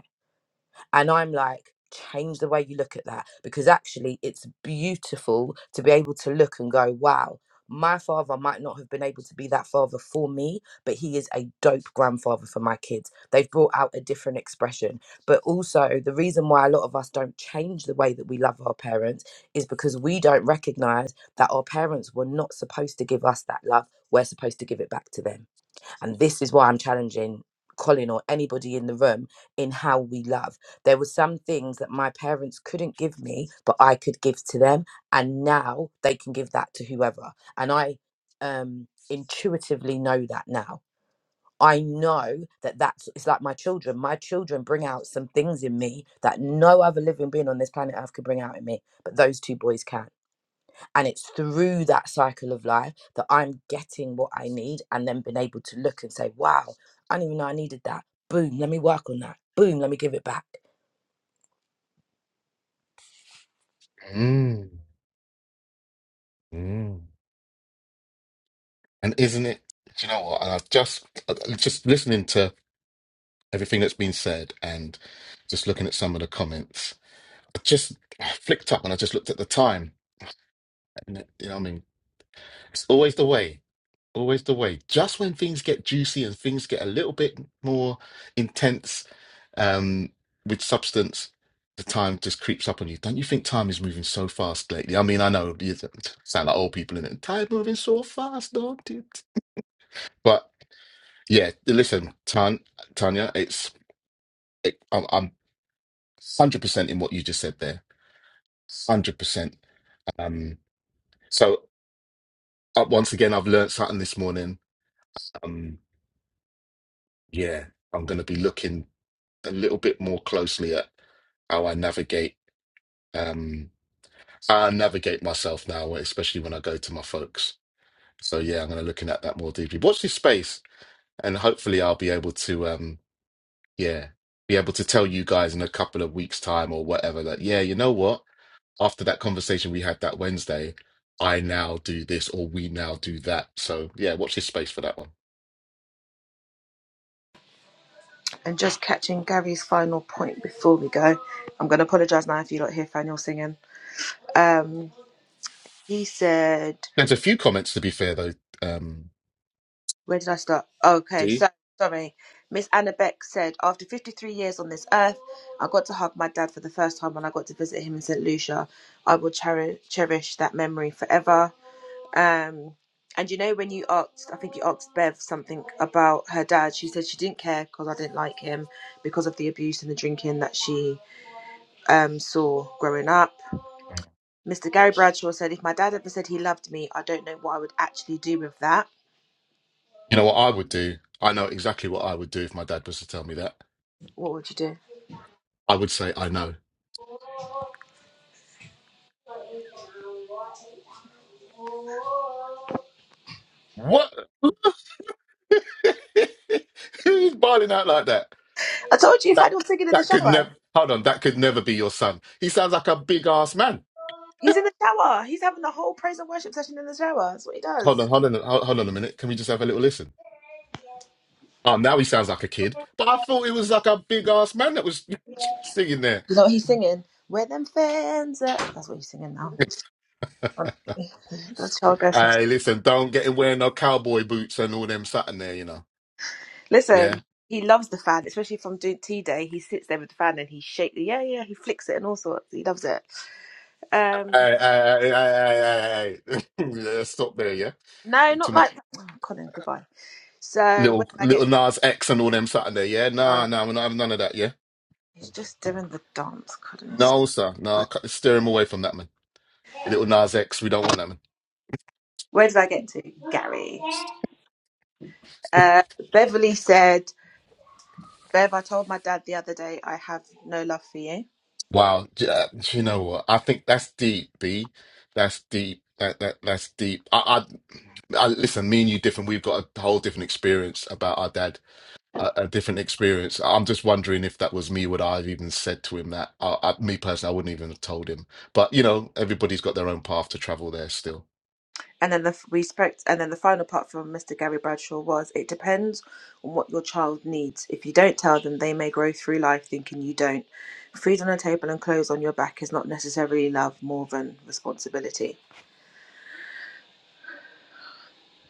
Speaker 4: and I'm like, change the way you look at that because actually it's beautiful to be able to look and go, wow, my father might not have been able to be that father for me, but he is a dope grandfather for my kids. They've brought out a different expression. But also, the reason why a lot of us don't change the way that we love our parents is because we don't recognize that our parents were not supposed to give us that love. We're supposed to give it back to them and this is why I'm challenging Colin or anybody in the room in how we love. There were some things that my parents couldn't give me, but I could give to them. And now they can give that to whoever. And I um, intuitively know that now. I know that that's it's like my children. My children bring out some things in me that no other living being on this planet Earth could bring out in me, but those two boys can. And it's through that cycle of life that I'm getting what I need and then being able to look and say, wow, I didn't even know I needed that. Boom, let me work on that. Boom, let me give it back.
Speaker 2: Mm. Mm. And isn't it? Do you know what? And I've just uh, just listening to everything that's been said and just looking at some of the comments. I just I flicked up and I just looked at the time. And it- you know, what I mean, it's always the way. Always the way. Just when things get juicy and things get a little bit more intense um, with substance, the time just creeps up on you. Don't you think time is moving so fast lately? I mean, I know you sound like old people in it. Time moving so fast, don't it? But Yeah, listen, Tan, Tanya, it's it, I'm, I'm 100% in what you just said there. 100%. Um, so uh, once again, I've learned something this morning. Um, yeah, I'm going to be looking a little bit more closely at how I navigate um how I navigate myself now, especially when I go to my folks. So yeah, I'm gonna looking at that more deeply. Watch this space and hopefully I'll be able to um yeah, be able to tell you guys in a couple of weeks' time or whatever that yeah, you know what? after that conversation we had that Wednesday, I now do this or we now do that. So yeah, watch this space for that one.
Speaker 1: And just catching Gary's final point before we go, I'm gonna apologise now if you don't hear Faniel singing. Um, he said.
Speaker 2: There's a few comments to be fair though. Um,
Speaker 1: Where did I start? Okay,
Speaker 2: D,
Speaker 1: so sorry. Miss Anna Beck said, after 53 years on this earth, I got to hug my dad for the first time when I got to visit him in St. Lucia. I will cherish, cherish that memory forever. Um, and you know, when you asked, I think you asked Bev something about her dad, she said she didn't care because I didn't like him because of the abuse and the drinking that she um, saw growing up. Mr. Gary Bradshaw said, if my dad ever said he loved me, I don't know what I would actually do with that.
Speaker 2: you know what I would do? I know exactly what I would do if my dad was to tell me that.
Speaker 1: What would you do?
Speaker 2: I would say I know. What? Who's barling out like that?
Speaker 1: I told you, if I
Speaker 2: That
Speaker 1: was singing in the
Speaker 2: that could never.
Speaker 1: shower,
Speaker 2: Hold on, that could never be your son. He sounds like a big ass man.
Speaker 1: he's in the shower. He's having the whole praise and worship session in the shower. That's what he
Speaker 2: Hold
Speaker 1: does.
Speaker 2: on, hold on, hold hold on a minute. Can we just have a little listen? Oh, now he sounds like a kid. But I thought he was like a big ass man that was singing there.
Speaker 1: You know what he's singing? Where them fans at? That's what he's singing now. Honestly, that's child Gerson's.
Speaker 2: hey, listen, don't get him wearing no cowboy boots and all them sat in there, you know.
Speaker 1: Listen,
Speaker 2: Yeah.
Speaker 1: he loves the fan, especially from doing tea day. He sits there with the fan and he shakes it. Yeah, yeah, he flicks it and all sorts. He loves it. Um,
Speaker 2: Hey, hey, hey, hey, hey, hey, hey. Yeah, Stop there, yeah.
Speaker 1: no,
Speaker 2: Too
Speaker 1: not
Speaker 2: much
Speaker 1: like oh, Colin. Goodbye. So where
Speaker 2: little
Speaker 1: did I get?
Speaker 2: little
Speaker 1: To?
Speaker 2: Nas X and all them sat in there, yeah.
Speaker 1: Ah,
Speaker 2: Nah, nah, we're not having none of that, yeah.
Speaker 1: he's just doing the dance, Colin.
Speaker 2: No, sir. No, cut- steer him away from that man. Little Nas X, we don't want that man.
Speaker 1: Where did I get to, Gary? Uh, Beverly said. Bev, I told my dad the other day I have no love for you.
Speaker 2: Wow, j- uh, you know what? I think that's deep, B. That's deep. That that that's deep. I, I, I listen. Me and you different. We've got a whole different experience about our dad. A, a different experience. I'm just wondering if that was me, would I have even said to him that? I, I, me personally, I wouldn't even have told him. But you know, everybody's got their own path to travel there still.
Speaker 1: And then the respect, and then the final part from Mr. Gary Bradshaw was, it depends on what your child needs. If you don't tell them, they may grow through life thinking you don't. Food on the table and clothes on your back is not necessarily love more than responsibility.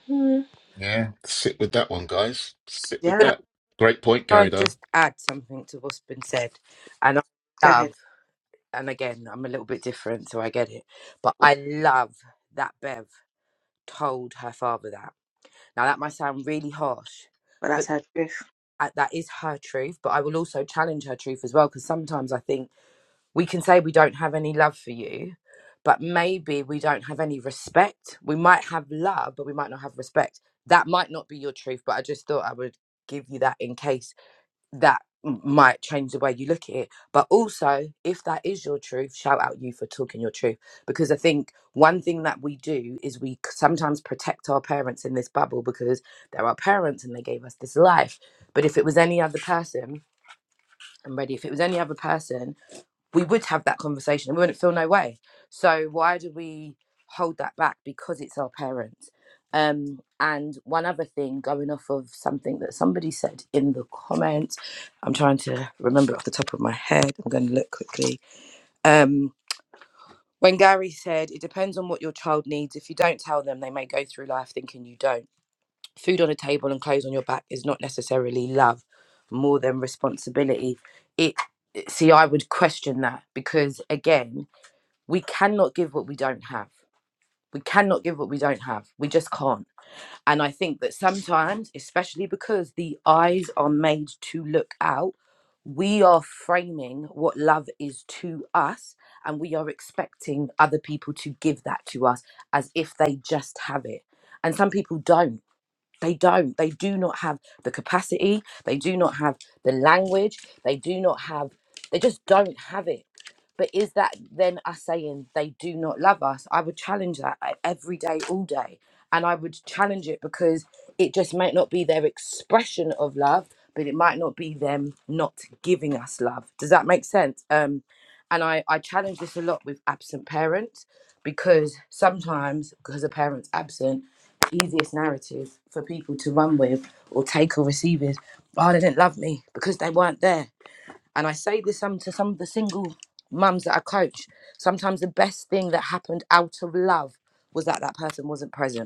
Speaker 1: Hmm.
Speaker 2: Yeah, sit with that one, guys. Sit with
Speaker 4: Can
Speaker 1: Yeah,
Speaker 2: that. Great point,
Speaker 4: I I
Speaker 2: Gary. Though,
Speaker 4: just add something to what's been said? And I
Speaker 1: go ahead.
Speaker 4: love, and again, I'm a little bit different, so I get it, but I love that Bev told her father that. Now, that might sound really harsh,
Speaker 1: But that's
Speaker 4: but
Speaker 1: her truth.
Speaker 4: that that is her truth. But I will also challenge her truth as well, because sometimes I think. we can say we don't have any love for you, but maybe we don't have any respect. We might have love, but we might not have respect. That might not be your truth, but I just thought I would give you that in case that m- might change the way you look at it. But also, if that is your truth, shout out you for talking your truth. Because I think one thing that we do is we c- sometimes protect our parents in this bubble because they're our parents and they gave us this life. But if it was any other person, I'm ready. If it was any other person, we would have that conversation and we wouldn't feel no way. So why do we hold that back? Because it's our parents. Um, and one other thing, going off of something that somebody said in the comments, I'm trying to remember off the top of my head. I'm going to look quickly. Um, when Gary said, it depends on what your child needs. If you don't tell them, they may go through life thinking you don't. Food on a table and clothes on your back is not necessarily love, more than responsibility. It see, I would question that because again, we cannot give what we don't have. We cannot give what we don't have. We just can't. And I think that sometimes, especially because the eyes are made to look out, we are framing what love is to us and we are expecting other people to give that to us as if they just have it. And some people don't. They don't. They do not have the capacity. They do not have the language. They do not have, they just don't have it. But is that then us saying they do not love us? I would challenge that e- every day, all day. And I would challenge it because it just might not be their expression of love, but it might not be them not giving us love. Does that make sense? Um, and I, I challenge this a lot with absent parents because sometimes, because a parent's absent, easiest narrative for people to run with or take or receive is, oh, they didn't love me because they weren't there. And I say this some to some of the single mums that I coach. Sometimes the best thing that happened out of love was that that person wasn't present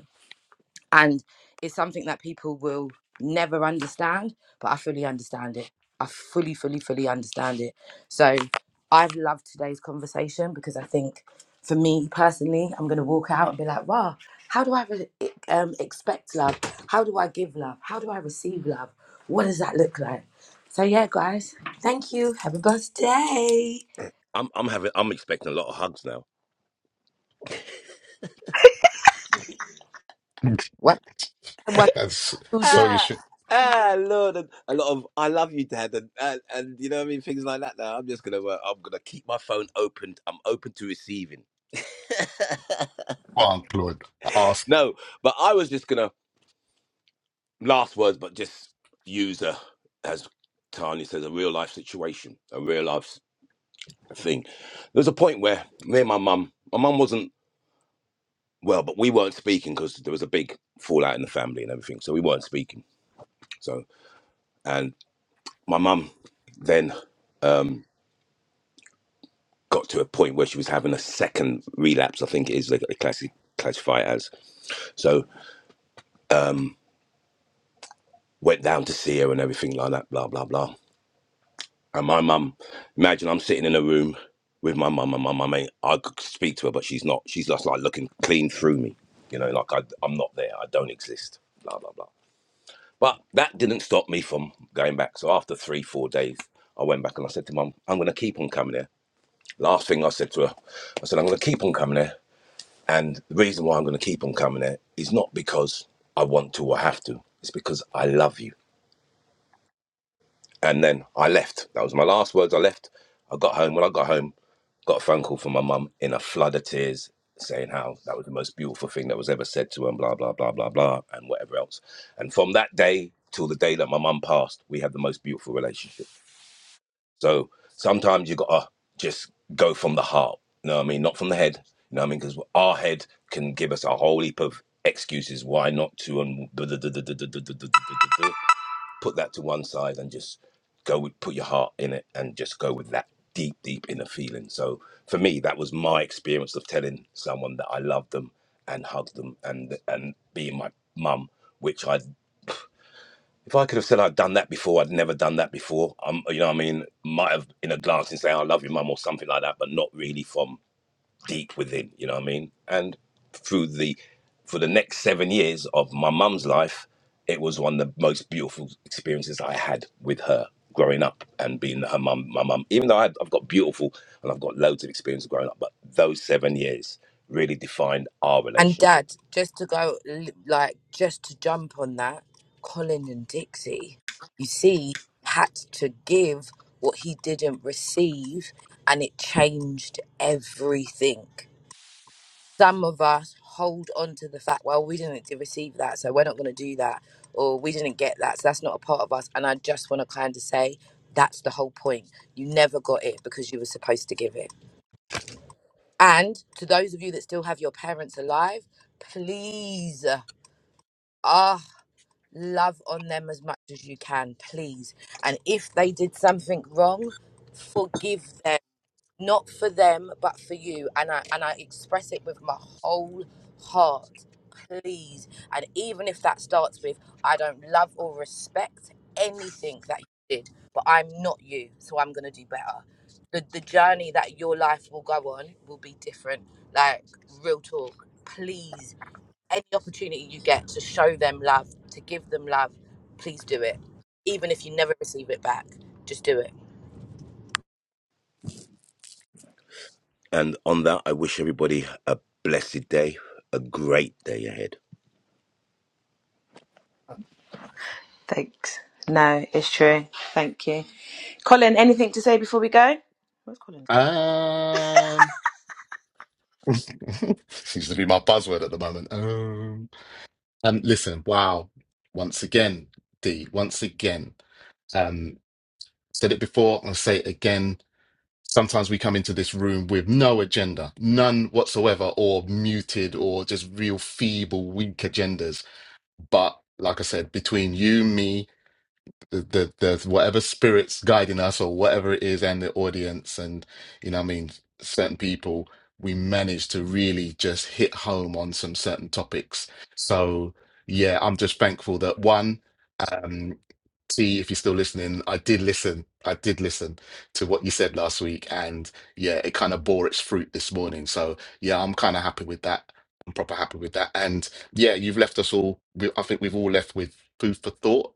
Speaker 4: and it's something that people will never understand but i fully understand it i fully fully fully understand it so i've loved today's conversation because i think for me personally i'm going to walk out and be like wow how do i re- e- um, expect love how do i give love how do i receive love what does that look like so yeah guys thank you have a blessed day
Speaker 3: I'm I'm having I'm expecting a lot of hugs now.
Speaker 4: what What?
Speaker 2: that's
Speaker 4: Two different
Speaker 2: so you
Speaker 3: ah,
Speaker 2: should.
Speaker 3: ah, Lord, and a lot of "I love you, Dad," and, and and you know what I mean, things like that. Now I'm just gonna, uh, I'm gonna keep my phone open. I'm open to receiving.
Speaker 2: Well, Claude, ask.
Speaker 3: No, but I was just gonna last words, but just use a as Tanya says, a real life situation, a real life s- thing. There was a point where me and my mum, my mum wasn't well, but we weren't speaking because there was a big fallout in the family and everything, so we weren't speaking. So and my mum then. um, got to a point where she was having a second relapse, I think it is they, they classify it as. So went down to see her and everything like that, blah, blah, blah. And my mum, imagine I'm sitting in a room with my mum and my mum ain't, I could speak to her, but she's not, she's just like looking clean through me. You know, like I, I'm not there, I don't exist, blah, blah, blah. But that didn't stop me from going back. So after three, four days, I went back and I said to mum, I'm going to keep on coming here. Last thing I said to her, I said, I'm going to keep on coming here And the reason why I'm going to keep on coming there is not because I want to or have to. It's because I love you. And then I left. That was my last words. I left. I got home. When I got home, got a phone call from my mum in a flood of tears saying how that was the most beautiful thing that was ever said to her and blah, blah, blah, blah, blah, and whatever else. And from that day till the day that my mum passed, we had the most beautiful relationship so sometimes you gotta just go from the heart. You know what I mean? Not from the head. You know what I mean? Because our head can give us a whole heap of excuses why not to and duh, duh, duh, duh, duh, duh, duh, duh, duh, duh, duh, duh. put that to one side and just go with put your heart in it and just go with that deep, deep inner feeling. So for me, that was my experience of telling someone that I loved them and hugged them and and being my mum, which I if I could have said I'd done that before, I'd never done that before. Um, you know, what I mean, might have in a glance and say I love you, mum, or something like that, but not really from deep within. You know what I mean? And through the for the next seven years of my mum's life, it was one of the most beautiful experiences I had with her growing up and being her mum. My mum, even though I, had, I've got beautiful and I've got loads of experience growing up, but those seven years really defined our
Speaker 4: And
Speaker 3: relationship.
Speaker 4: Dad, just to go, l- like, just to jump on that, Colin and Dixie, you see, had to give what he didn't receive, and it changed everything. Some of us hold on to the fact, well, we didn't receive that, so we're not going to do that, or we didn't get that, so that's not a part of us. And I just want to kind of say, that's the whole point. You never got it because you were supposed to give it. And to those of you that still have your parents alive, please ah, love on them as much as you can, please. And if they did something wrong, forgive them not for them but for you and i and i express it with my whole heart please and even if that starts with i don't love or respect anything that you did but i'm not you so i'm going to do better the, the journey that your life will go on will be different like real talk please any opportunity you get to show them love to give them love please do it even if you never receive it back just do it
Speaker 3: And on that, I wish everybody a blessed day, a great day ahead.
Speaker 1: Thanks. No, it's true. Thank you. Colin, anything to say before we go? Where's Colin?
Speaker 2: Um. Seems to be my buzzword at the moment. Um, um, listen, wow. Once again, D, once again. Um, said it before, I'll say it again. Sometimes we come into this room with no agenda, none whatsoever, or muted, or just real feeble, weak agendas. But like I said, between you, me, the, the, the whatever spirits guiding us or whatever it is and the audience and you know what I mean certain people we managed to really just hit home on some certain topics so yeah I'm just thankful that one um T if you're still listening I did listen I did listen to what you said last week and yeah it kind of bore its fruit this morning so yeah I'm kind of happy with that I'm proper happy with that and yeah you've left us all we, I think we've all left with food for thought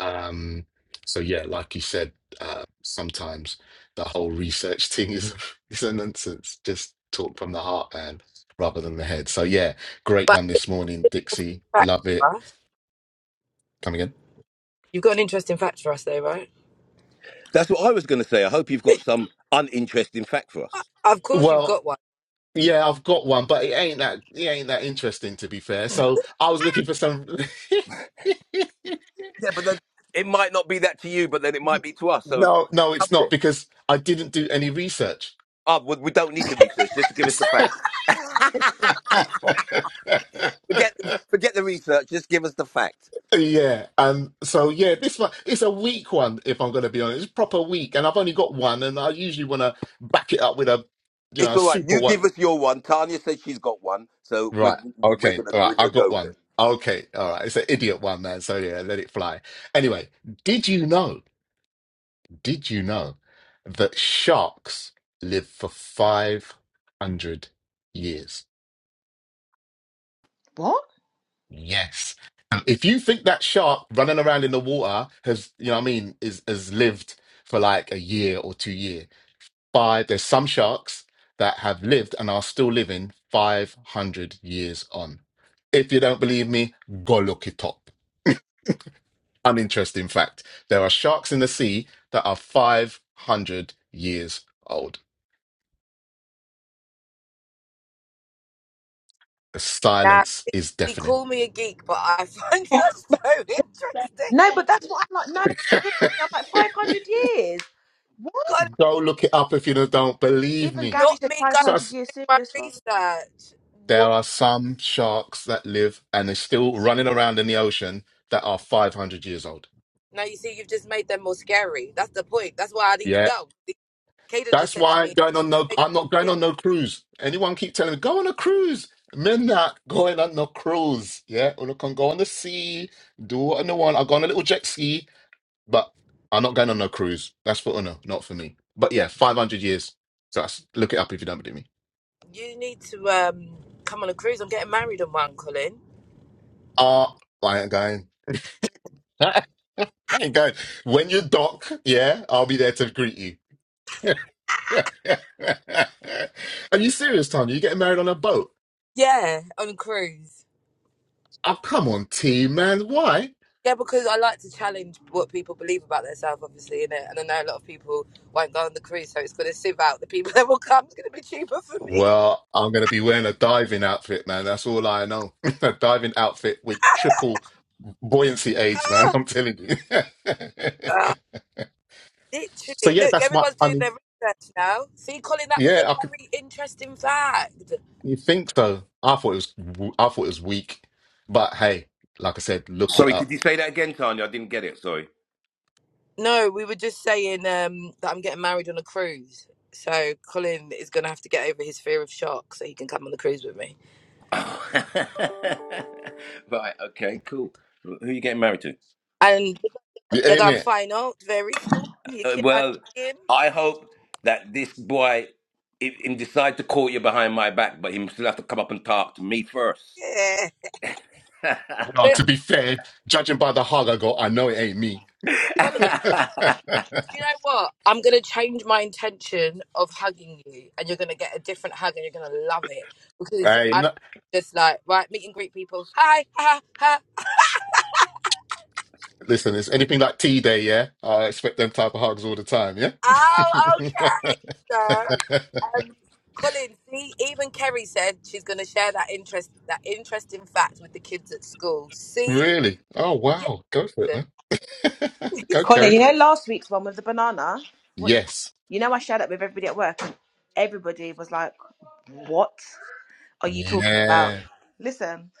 Speaker 2: um, so yeah, like you said, uh, sometimes the whole research thing is is a nonsense. Just talk from the heart, man, rather than the head. So yeah, great
Speaker 4: but
Speaker 2: one this morning, Dixie. Love
Speaker 4: I
Speaker 2: it.
Speaker 4: hope you
Speaker 2: Come again.
Speaker 4: You've got an interesting fact for us, though, right?
Speaker 3: That's what I was going to say. I hope you've got some uninteresting fact for us.
Speaker 4: Of course, you've
Speaker 2: Well,
Speaker 4: got one.
Speaker 2: yeah, I've got one, but it ain't that it ain't that interesting to be fair. So I was looking for some.
Speaker 3: Yeah, but then it might not be that to you, but then it might be to us. So
Speaker 2: No, no,
Speaker 3: come
Speaker 2: it's
Speaker 3: with
Speaker 2: not
Speaker 3: it.
Speaker 2: because I didn't do any research.
Speaker 3: Oh, we we don't need the research. Just to give us the fact. Forget, forget the research. Just give us the fact.
Speaker 2: Yeah, and so yeah, this one it's a weak one if I'm going to be honest. It's proper weak, and I've only got one, and I usually want to back it up with a you know
Speaker 3: It's
Speaker 2: a
Speaker 3: all right.
Speaker 2: super
Speaker 3: You
Speaker 2: one.
Speaker 3: give us your one. Tanya says she's got one, so we're
Speaker 2: Right.
Speaker 3: we're
Speaker 2: Okay.
Speaker 3: gonna
Speaker 2: All right.
Speaker 3: we're gonna
Speaker 2: I've got
Speaker 3: go with
Speaker 2: one.
Speaker 3: it.
Speaker 2: Okay. All right. It's an idiot one, man. So yeah, let it fly. Anyway, did you know? Did you know that sharks live for 500 years?
Speaker 1: What?
Speaker 2: Yes. And if you think that shark running around in the water has, you know what I mean, is has lived for like a year or two year, by there's some sharks that have lived and are still living 500 years on. If you don't believe me, go look it up. Uninteresting fact. There are sharks in the sea that are 500 years old. The
Speaker 4: Now,
Speaker 2: silence is
Speaker 4: you
Speaker 2: deafening.
Speaker 4: call me a geek, but I find that so interesting.
Speaker 1: No, but that's what I'm like. No, seriously, I'm like 500 years. What?
Speaker 4: God,
Speaker 2: Go look it up if you don't believe
Speaker 1: Even
Speaker 2: me.
Speaker 1: Gary
Speaker 4: not
Speaker 1: said
Speaker 4: me going
Speaker 1: 500 years
Speaker 4: to my
Speaker 1: serious. wrong.
Speaker 4: research.
Speaker 2: There
Speaker 4: What?
Speaker 2: are some sharks that live and are still running around in the ocean that are 500 years old.
Speaker 4: Now you see, you've just made them more scary. That's the point. That's why I need to
Speaker 2: Yeah.
Speaker 4: know. Caden just
Speaker 2: That's
Speaker 4: said to
Speaker 2: why
Speaker 4: me,
Speaker 2: going on no,
Speaker 4: "Hey,
Speaker 2: I'm not going on no cruise. Anyone keep telling me, go on a cruise. Men not going on no cruise. Yeah. Or I can go on the sea, do what I want. I go on a little jet ski, but I'm not going on no cruise. That's for Una, not for me. But yeah, 500 years. So that's, look it up if you don't believe me.
Speaker 4: "You need to um come on a cruise. I'm getting married on one, Colin."
Speaker 2: Ah, I ain't going. I ain't going. When you dock, yeah, I'll be there to greet you. Are you serious, Tanya? You getting married on a boat?
Speaker 4: Yeah, on a cruise.
Speaker 2: Oh, come on, T, man. Why?
Speaker 4: Yeah, because I like to challenge what people believe about themselves, obviously, in it. And I know a lot of people won't go on the cruise, so it's going to sieve out the people that will come. It's going to be cheaper for me.
Speaker 2: Well, I'm going to be wearing a diving outfit, man. That's all I know. a diving outfit with triple buoyancy aids, man. I'm telling you.
Speaker 4: Ah,
Speaker 2: so
Speaker 4: literally,
Speaker 2: yeah,
Speaker 4: look,
Speaker 2: that's my.
Speaker 4: everyone's
Speaker 2: I
Speaker 4: doing their
Speaker 2: mean,
Speaker 4: research now. See, Colin, that was
Speaker 2: yeah,
Speaker 4: a
Speaker 2: I could.
Speaker 4: very interesting fact.
Speaker 2: You think so? I thought it was. I thought it was weak, but hey, like I said, look it
Speaker 3: Sorry, could
Speaker 2: up,
Speaker 3: you say that again, Tanya? I didn't get it. Sorry.
Speaker 4: No, we were just saying um, that I'm getting married on a cruise. So Colin is going to have to get over his fear of sharks so he can come on the cruise with me.
Speaker 3: right. Okay. Cool. Who are you getting married to?
Speaker 4: And
Speaker 2: Yeah,
Speaker 4: you're
Speaker 2: ain't
Speaker 4: going to
Speaker 2: it?
Speaker 4: find out very soon. You
Speaker 3: Uh,
Speaker 4: can.
Speaker 3: well, I hope that this boy him, him decide to call you behind my back, but him still have to come up and talk to me first.
Speaker 4: Yeah.
Speaker 3: no,
Speaker 2: Well,
Speaker 4: Look,
Speaker 2: to be fair, judging by the hug I got, I know it ain't me.
Speaker 4: Colin. You know what? I'm gonna change my intention of hugging you, and you're gonna get a different hug, and you're gonna love it because
Speaker 2: Right?
Speaker 4: I'm
Speaker 2: No,
Speaker 4: just like right, meet and greet people. Hi, ha, ha.
Speaker 2: Listen, it's anything like T Day, yeah? I expect them type of hugs all the time, yeah?
Speaker 4: Oh, okay. So, um, Colin, see, even Kerry said she's gonna share that interest, that interesting fact with the kids at school. See,
Speaker 2: Really? Oh,
Speaker 4: yes.
Speaker 2: wow. Go for it, man. Go,
Speaker 1: Colin,
Speaker 2: Kerry.
Speaker 1: you know last week's one with the banana? What?
Speaker 2: Yes.
Speaker 1: You know I shared it with everybody at work and everybody was like, what are you talking about?
Speaker 2: Yeah.
Speaker 1: Listen,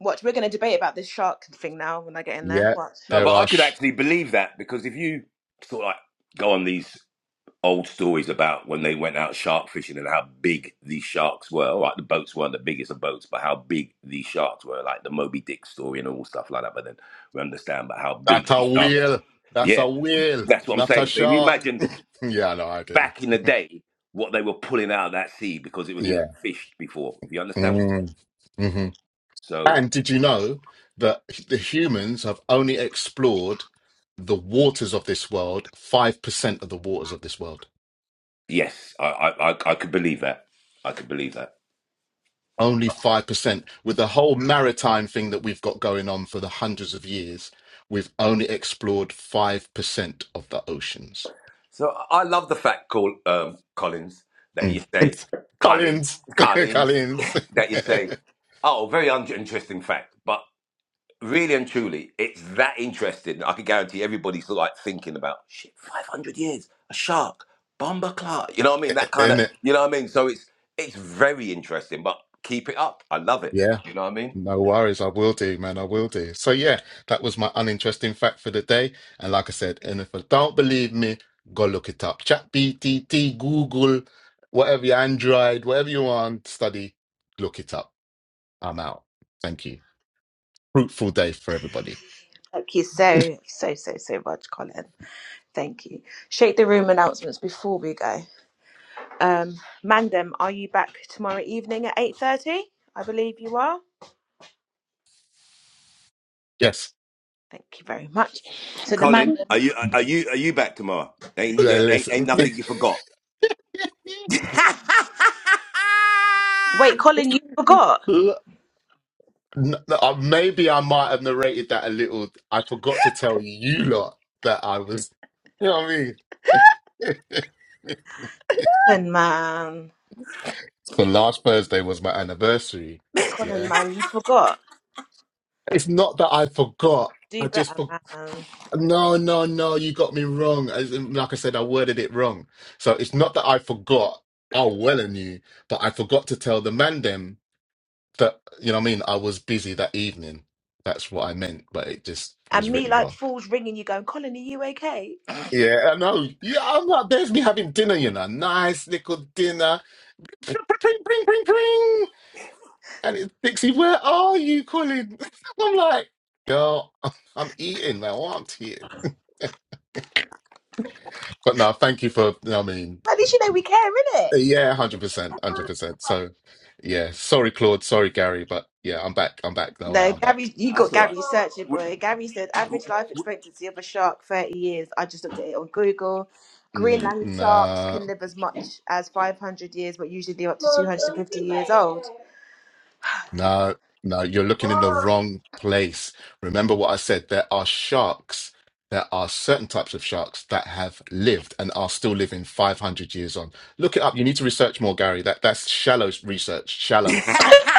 Speaker 1: watch, we're going to debate about this shark thing now when I get in there.
Speaker 2: Yeah.
Speaker 1: Watch.
Speaker 2: There
Speaker 3: but I
Speaker 2: are.
Speaker 3: could
Speaker 2: Sh-
Speaker 3: actually believe that because if you sort of like go on these old stories about when they went out shark fishing and how big these sharks were, all right, the boats weren't the biggest of boats, but how big these sharks were, like the Moby Dick story and all stuff like that. But then we understand about how
Speaker 2: That's
Speaker 3: big
Speaker 2: a
Speaker 3: these sharks.
Speaker 2: wheel. That's a
Speaker 3: Yeah,
Speaker 2: wheel,
Speaker 3: that's what I'm
Speaker 2: not a
Speaker 3: saying. So if you
Speaker 2: shark.
Speaker 3: imagine
Speaker 2: Yeah, no, I get you.
Speaker 3: back in the day what they were pulling out of that sea because it was never
Speaker 2: Yeah.
Speaker 3: fished before. If you understand what I'm saying?
Speaker 2: Mm. hmm
Speaker 3: So
Speaker 2: And did you know that the humans have only explored the waters of this world, 5% of the waters of this world?
Speaker 3: yes, I I, I, I could believe that. I could believe that.
Speaker 2: only 5% with the whole maritime thing that we've got going on for the hundreds of years we've only explored 5% of the oceans
Speaker 3: So I I love the fact, call um, Collins, that
Speaker 2: mm.
Speaker 3: you say
Speaker 2: It's
Speaker 3: Collins,
Speaker 2: collins
Speaker 3: Collins,
Speaker 2: collins
Speaker 3: that you say, oh, very un- interesting fact. But really and truly, it's that interesting. I can guarantee everybody's like thinking about shit. Five hundred years, a shark, bomber clark. You know what I mean? That kind of,
Speaker 2: in it
Speaker 3: you know what I mean? So it's it's very interesting. But keep it up. I love it.
Speaker 2: yeah
Speaker 3: You know what I mean?
Speaker 2: no worries i will do man i will do so yeah that was my uninteresting fact for the day and like i said and if you don't believe me go look it up chat btt google whatever you android whatever you want study look it up i'm out thank you fruitful day for everybody.
Speaker 1: Thank you so, so, so, so much, Colin. Thank you. Shake the room announcements before we go. Um, Mandem, are you back tomorrow evening at 8.30? I believe you are.
Speaker 2: Yes.
Speaker 1: Thank you very much. So the
Speaker 3: Colin,
Speaker 1: Mandem...
Speaker 3: are you are you are you back tomorrow? Ain't
Speaker 2: Yeah,
Speaker 3: you- ain't, ain't
Speaker 2: Listen.
Speaker 3: nothing you forgot.
Speaker 1: Wait,
Speaker 3: That's
Speaker 1: Colin, you forgot.
Speaker 2: L- n- n- uh, Maybe I might have narrated that a little. I forgot to tell you lot that I was. You know what I mean?
Speaker 1: Colin, man.
Speaker 2: So last Thursday was my anniversary.
Speaker 1: Colin,
Speaker 2: Yeah.
Speaker 1: man, you forgot.
Speaker 2: It's not that I forgot.
Speaker 1: Do
Speaker 2: I just
Speaker 1: better,
Speaker 2: forgot.
Speaker 1: man.
Speaker 2: No, no, no, you got me wrong. As in, like I said, I worded it wrong. So it's not that I forgot. I well and you, but I forgot to tell the man them that, you know what I mean? I was busy that evening. That's what I meant, but it just was
Speaker 1: And me,
Speaker 2: written
Speaker 1: like,
Speaker 2: wrong.
Speaker 1: fools ringing you going, Colin, are you okay?
Speaker 2: Yeah, I know. Yeah, I'm like, there's me having dinner, you know. Nice little dinner. Pring, pring, pring, pring, pring. And it's Dixie, where are you Colin? I'm like, girl, I'm I'm eating, man. I want to eat. But no, thank you for, you know what I mean?
Speaker 1: At least you know we care, innit?
Speaker 2: Yeah, hundred percent, hundred percent. So, yeah, sorry, Claude, sorry, Gary, but yeah, I'm back. I'm back. No,
Speaker 1: No,
Speaker 2: I'm back.
Speaker 1: Gary, you got
Speaker 3: all right.
Speaker 1: Gary searching,
Speaker 3: We-
Speaker 1: boy. Gary said, average life expectancy of a shark, 30 years. I just looked at it on Google.
Speaker 2: Mm,
Speaker 1: Greenland sharks
Speaker 2: Nah,
Speaker 1: can live as much as 500 years, but usually live up to 250 years old.
Speaker 2: no. nah. You're looking in the wrong place. Remember what I said. There are sharks. There are certain types of sharks that have lived and are still living 500 years on. Look it up. You need to research more, Gary. That that's shallow research. Shallow.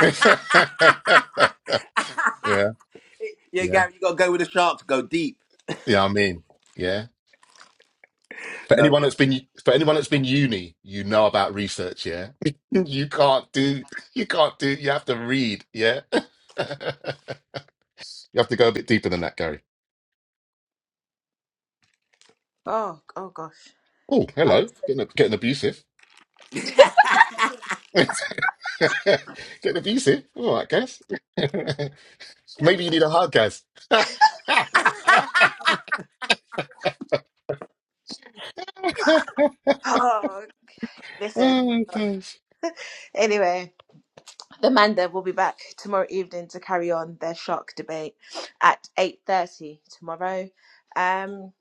Speaker 2: Yeah,
Speaker 3: yeah,
Speaker 2: yeah,
Speaker 3: Gary, you gotta go with the sharks. Go deep.
Speaker 2: yeah. I mean, yeah. For anyone that's been for anyone that's been uni, you know about research, yeah. You can't do you can't do you have to read, yeah. you have to go a bit deeper than that, Gary.
Speaker 1: Oh, oh gosh.
Speaker 2: Oh,
Speaker 1: I,
Speaker 2: hello. Getting getting abusive. getting abusive. All right, guys. Maybe you need a hug, guys.
Speaker 1: oh, listen.
Speaker 2: oh, gosh.
Speaker 1: Anyway. The Manda will be back tomorrow evening to carry on their shark debate at 8.30 tomorrow. Um,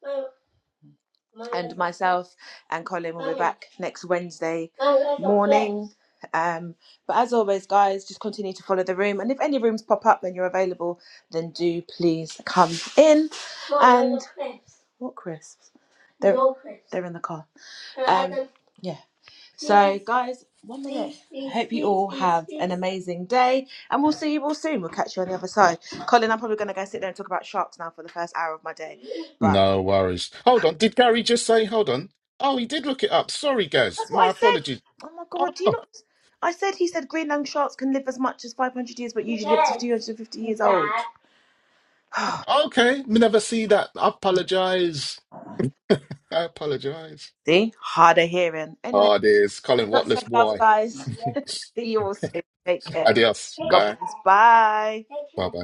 Speaker 1: and myself and Colin will be back next Wednesday morning. Um, but as always, guys, just continue to follow the room. And if any rooms pop up and you're available, then do please come in. And what crisps? They're, they're in the car. Um, yeah. So, guys, one minute. I hope you all have an amazing day, and we'll see you all soon. We'll catch you on the other side. Colin, I'm probably going to go sit there and talk about sharks now for the first hour of my day. But
Speaker 2: No worries. Hold on. Did Gary just say hold on? Oh, he did look it up. Sorry, guys.
Speaker 1: that's what I
Speaker 2: My
Speaker 1: said.
Speaker 2: apologies.
Speaker 1: Oh my God, do you not? I said he said Greenland sharks can live as much as 500 years, but usually up to 250 years old.
Speaker 2: Okay, me never see that. I apologize. I apologize.
Speaker 1: see, harder hearing. Anyway,
Speaker 2: Oh, there's Colin
Speaker 1: lots
Speaker 2: Watless
Speaker 1: of love,
Speaker 2: boy.
Speaker 1: guys. see you all soon. Take care.
Speaker 2: Adios.
Speaker 1: God
Speaker 2: Bye.
Speaker 1: bless. Bye.
Speaker 2: Bye bye.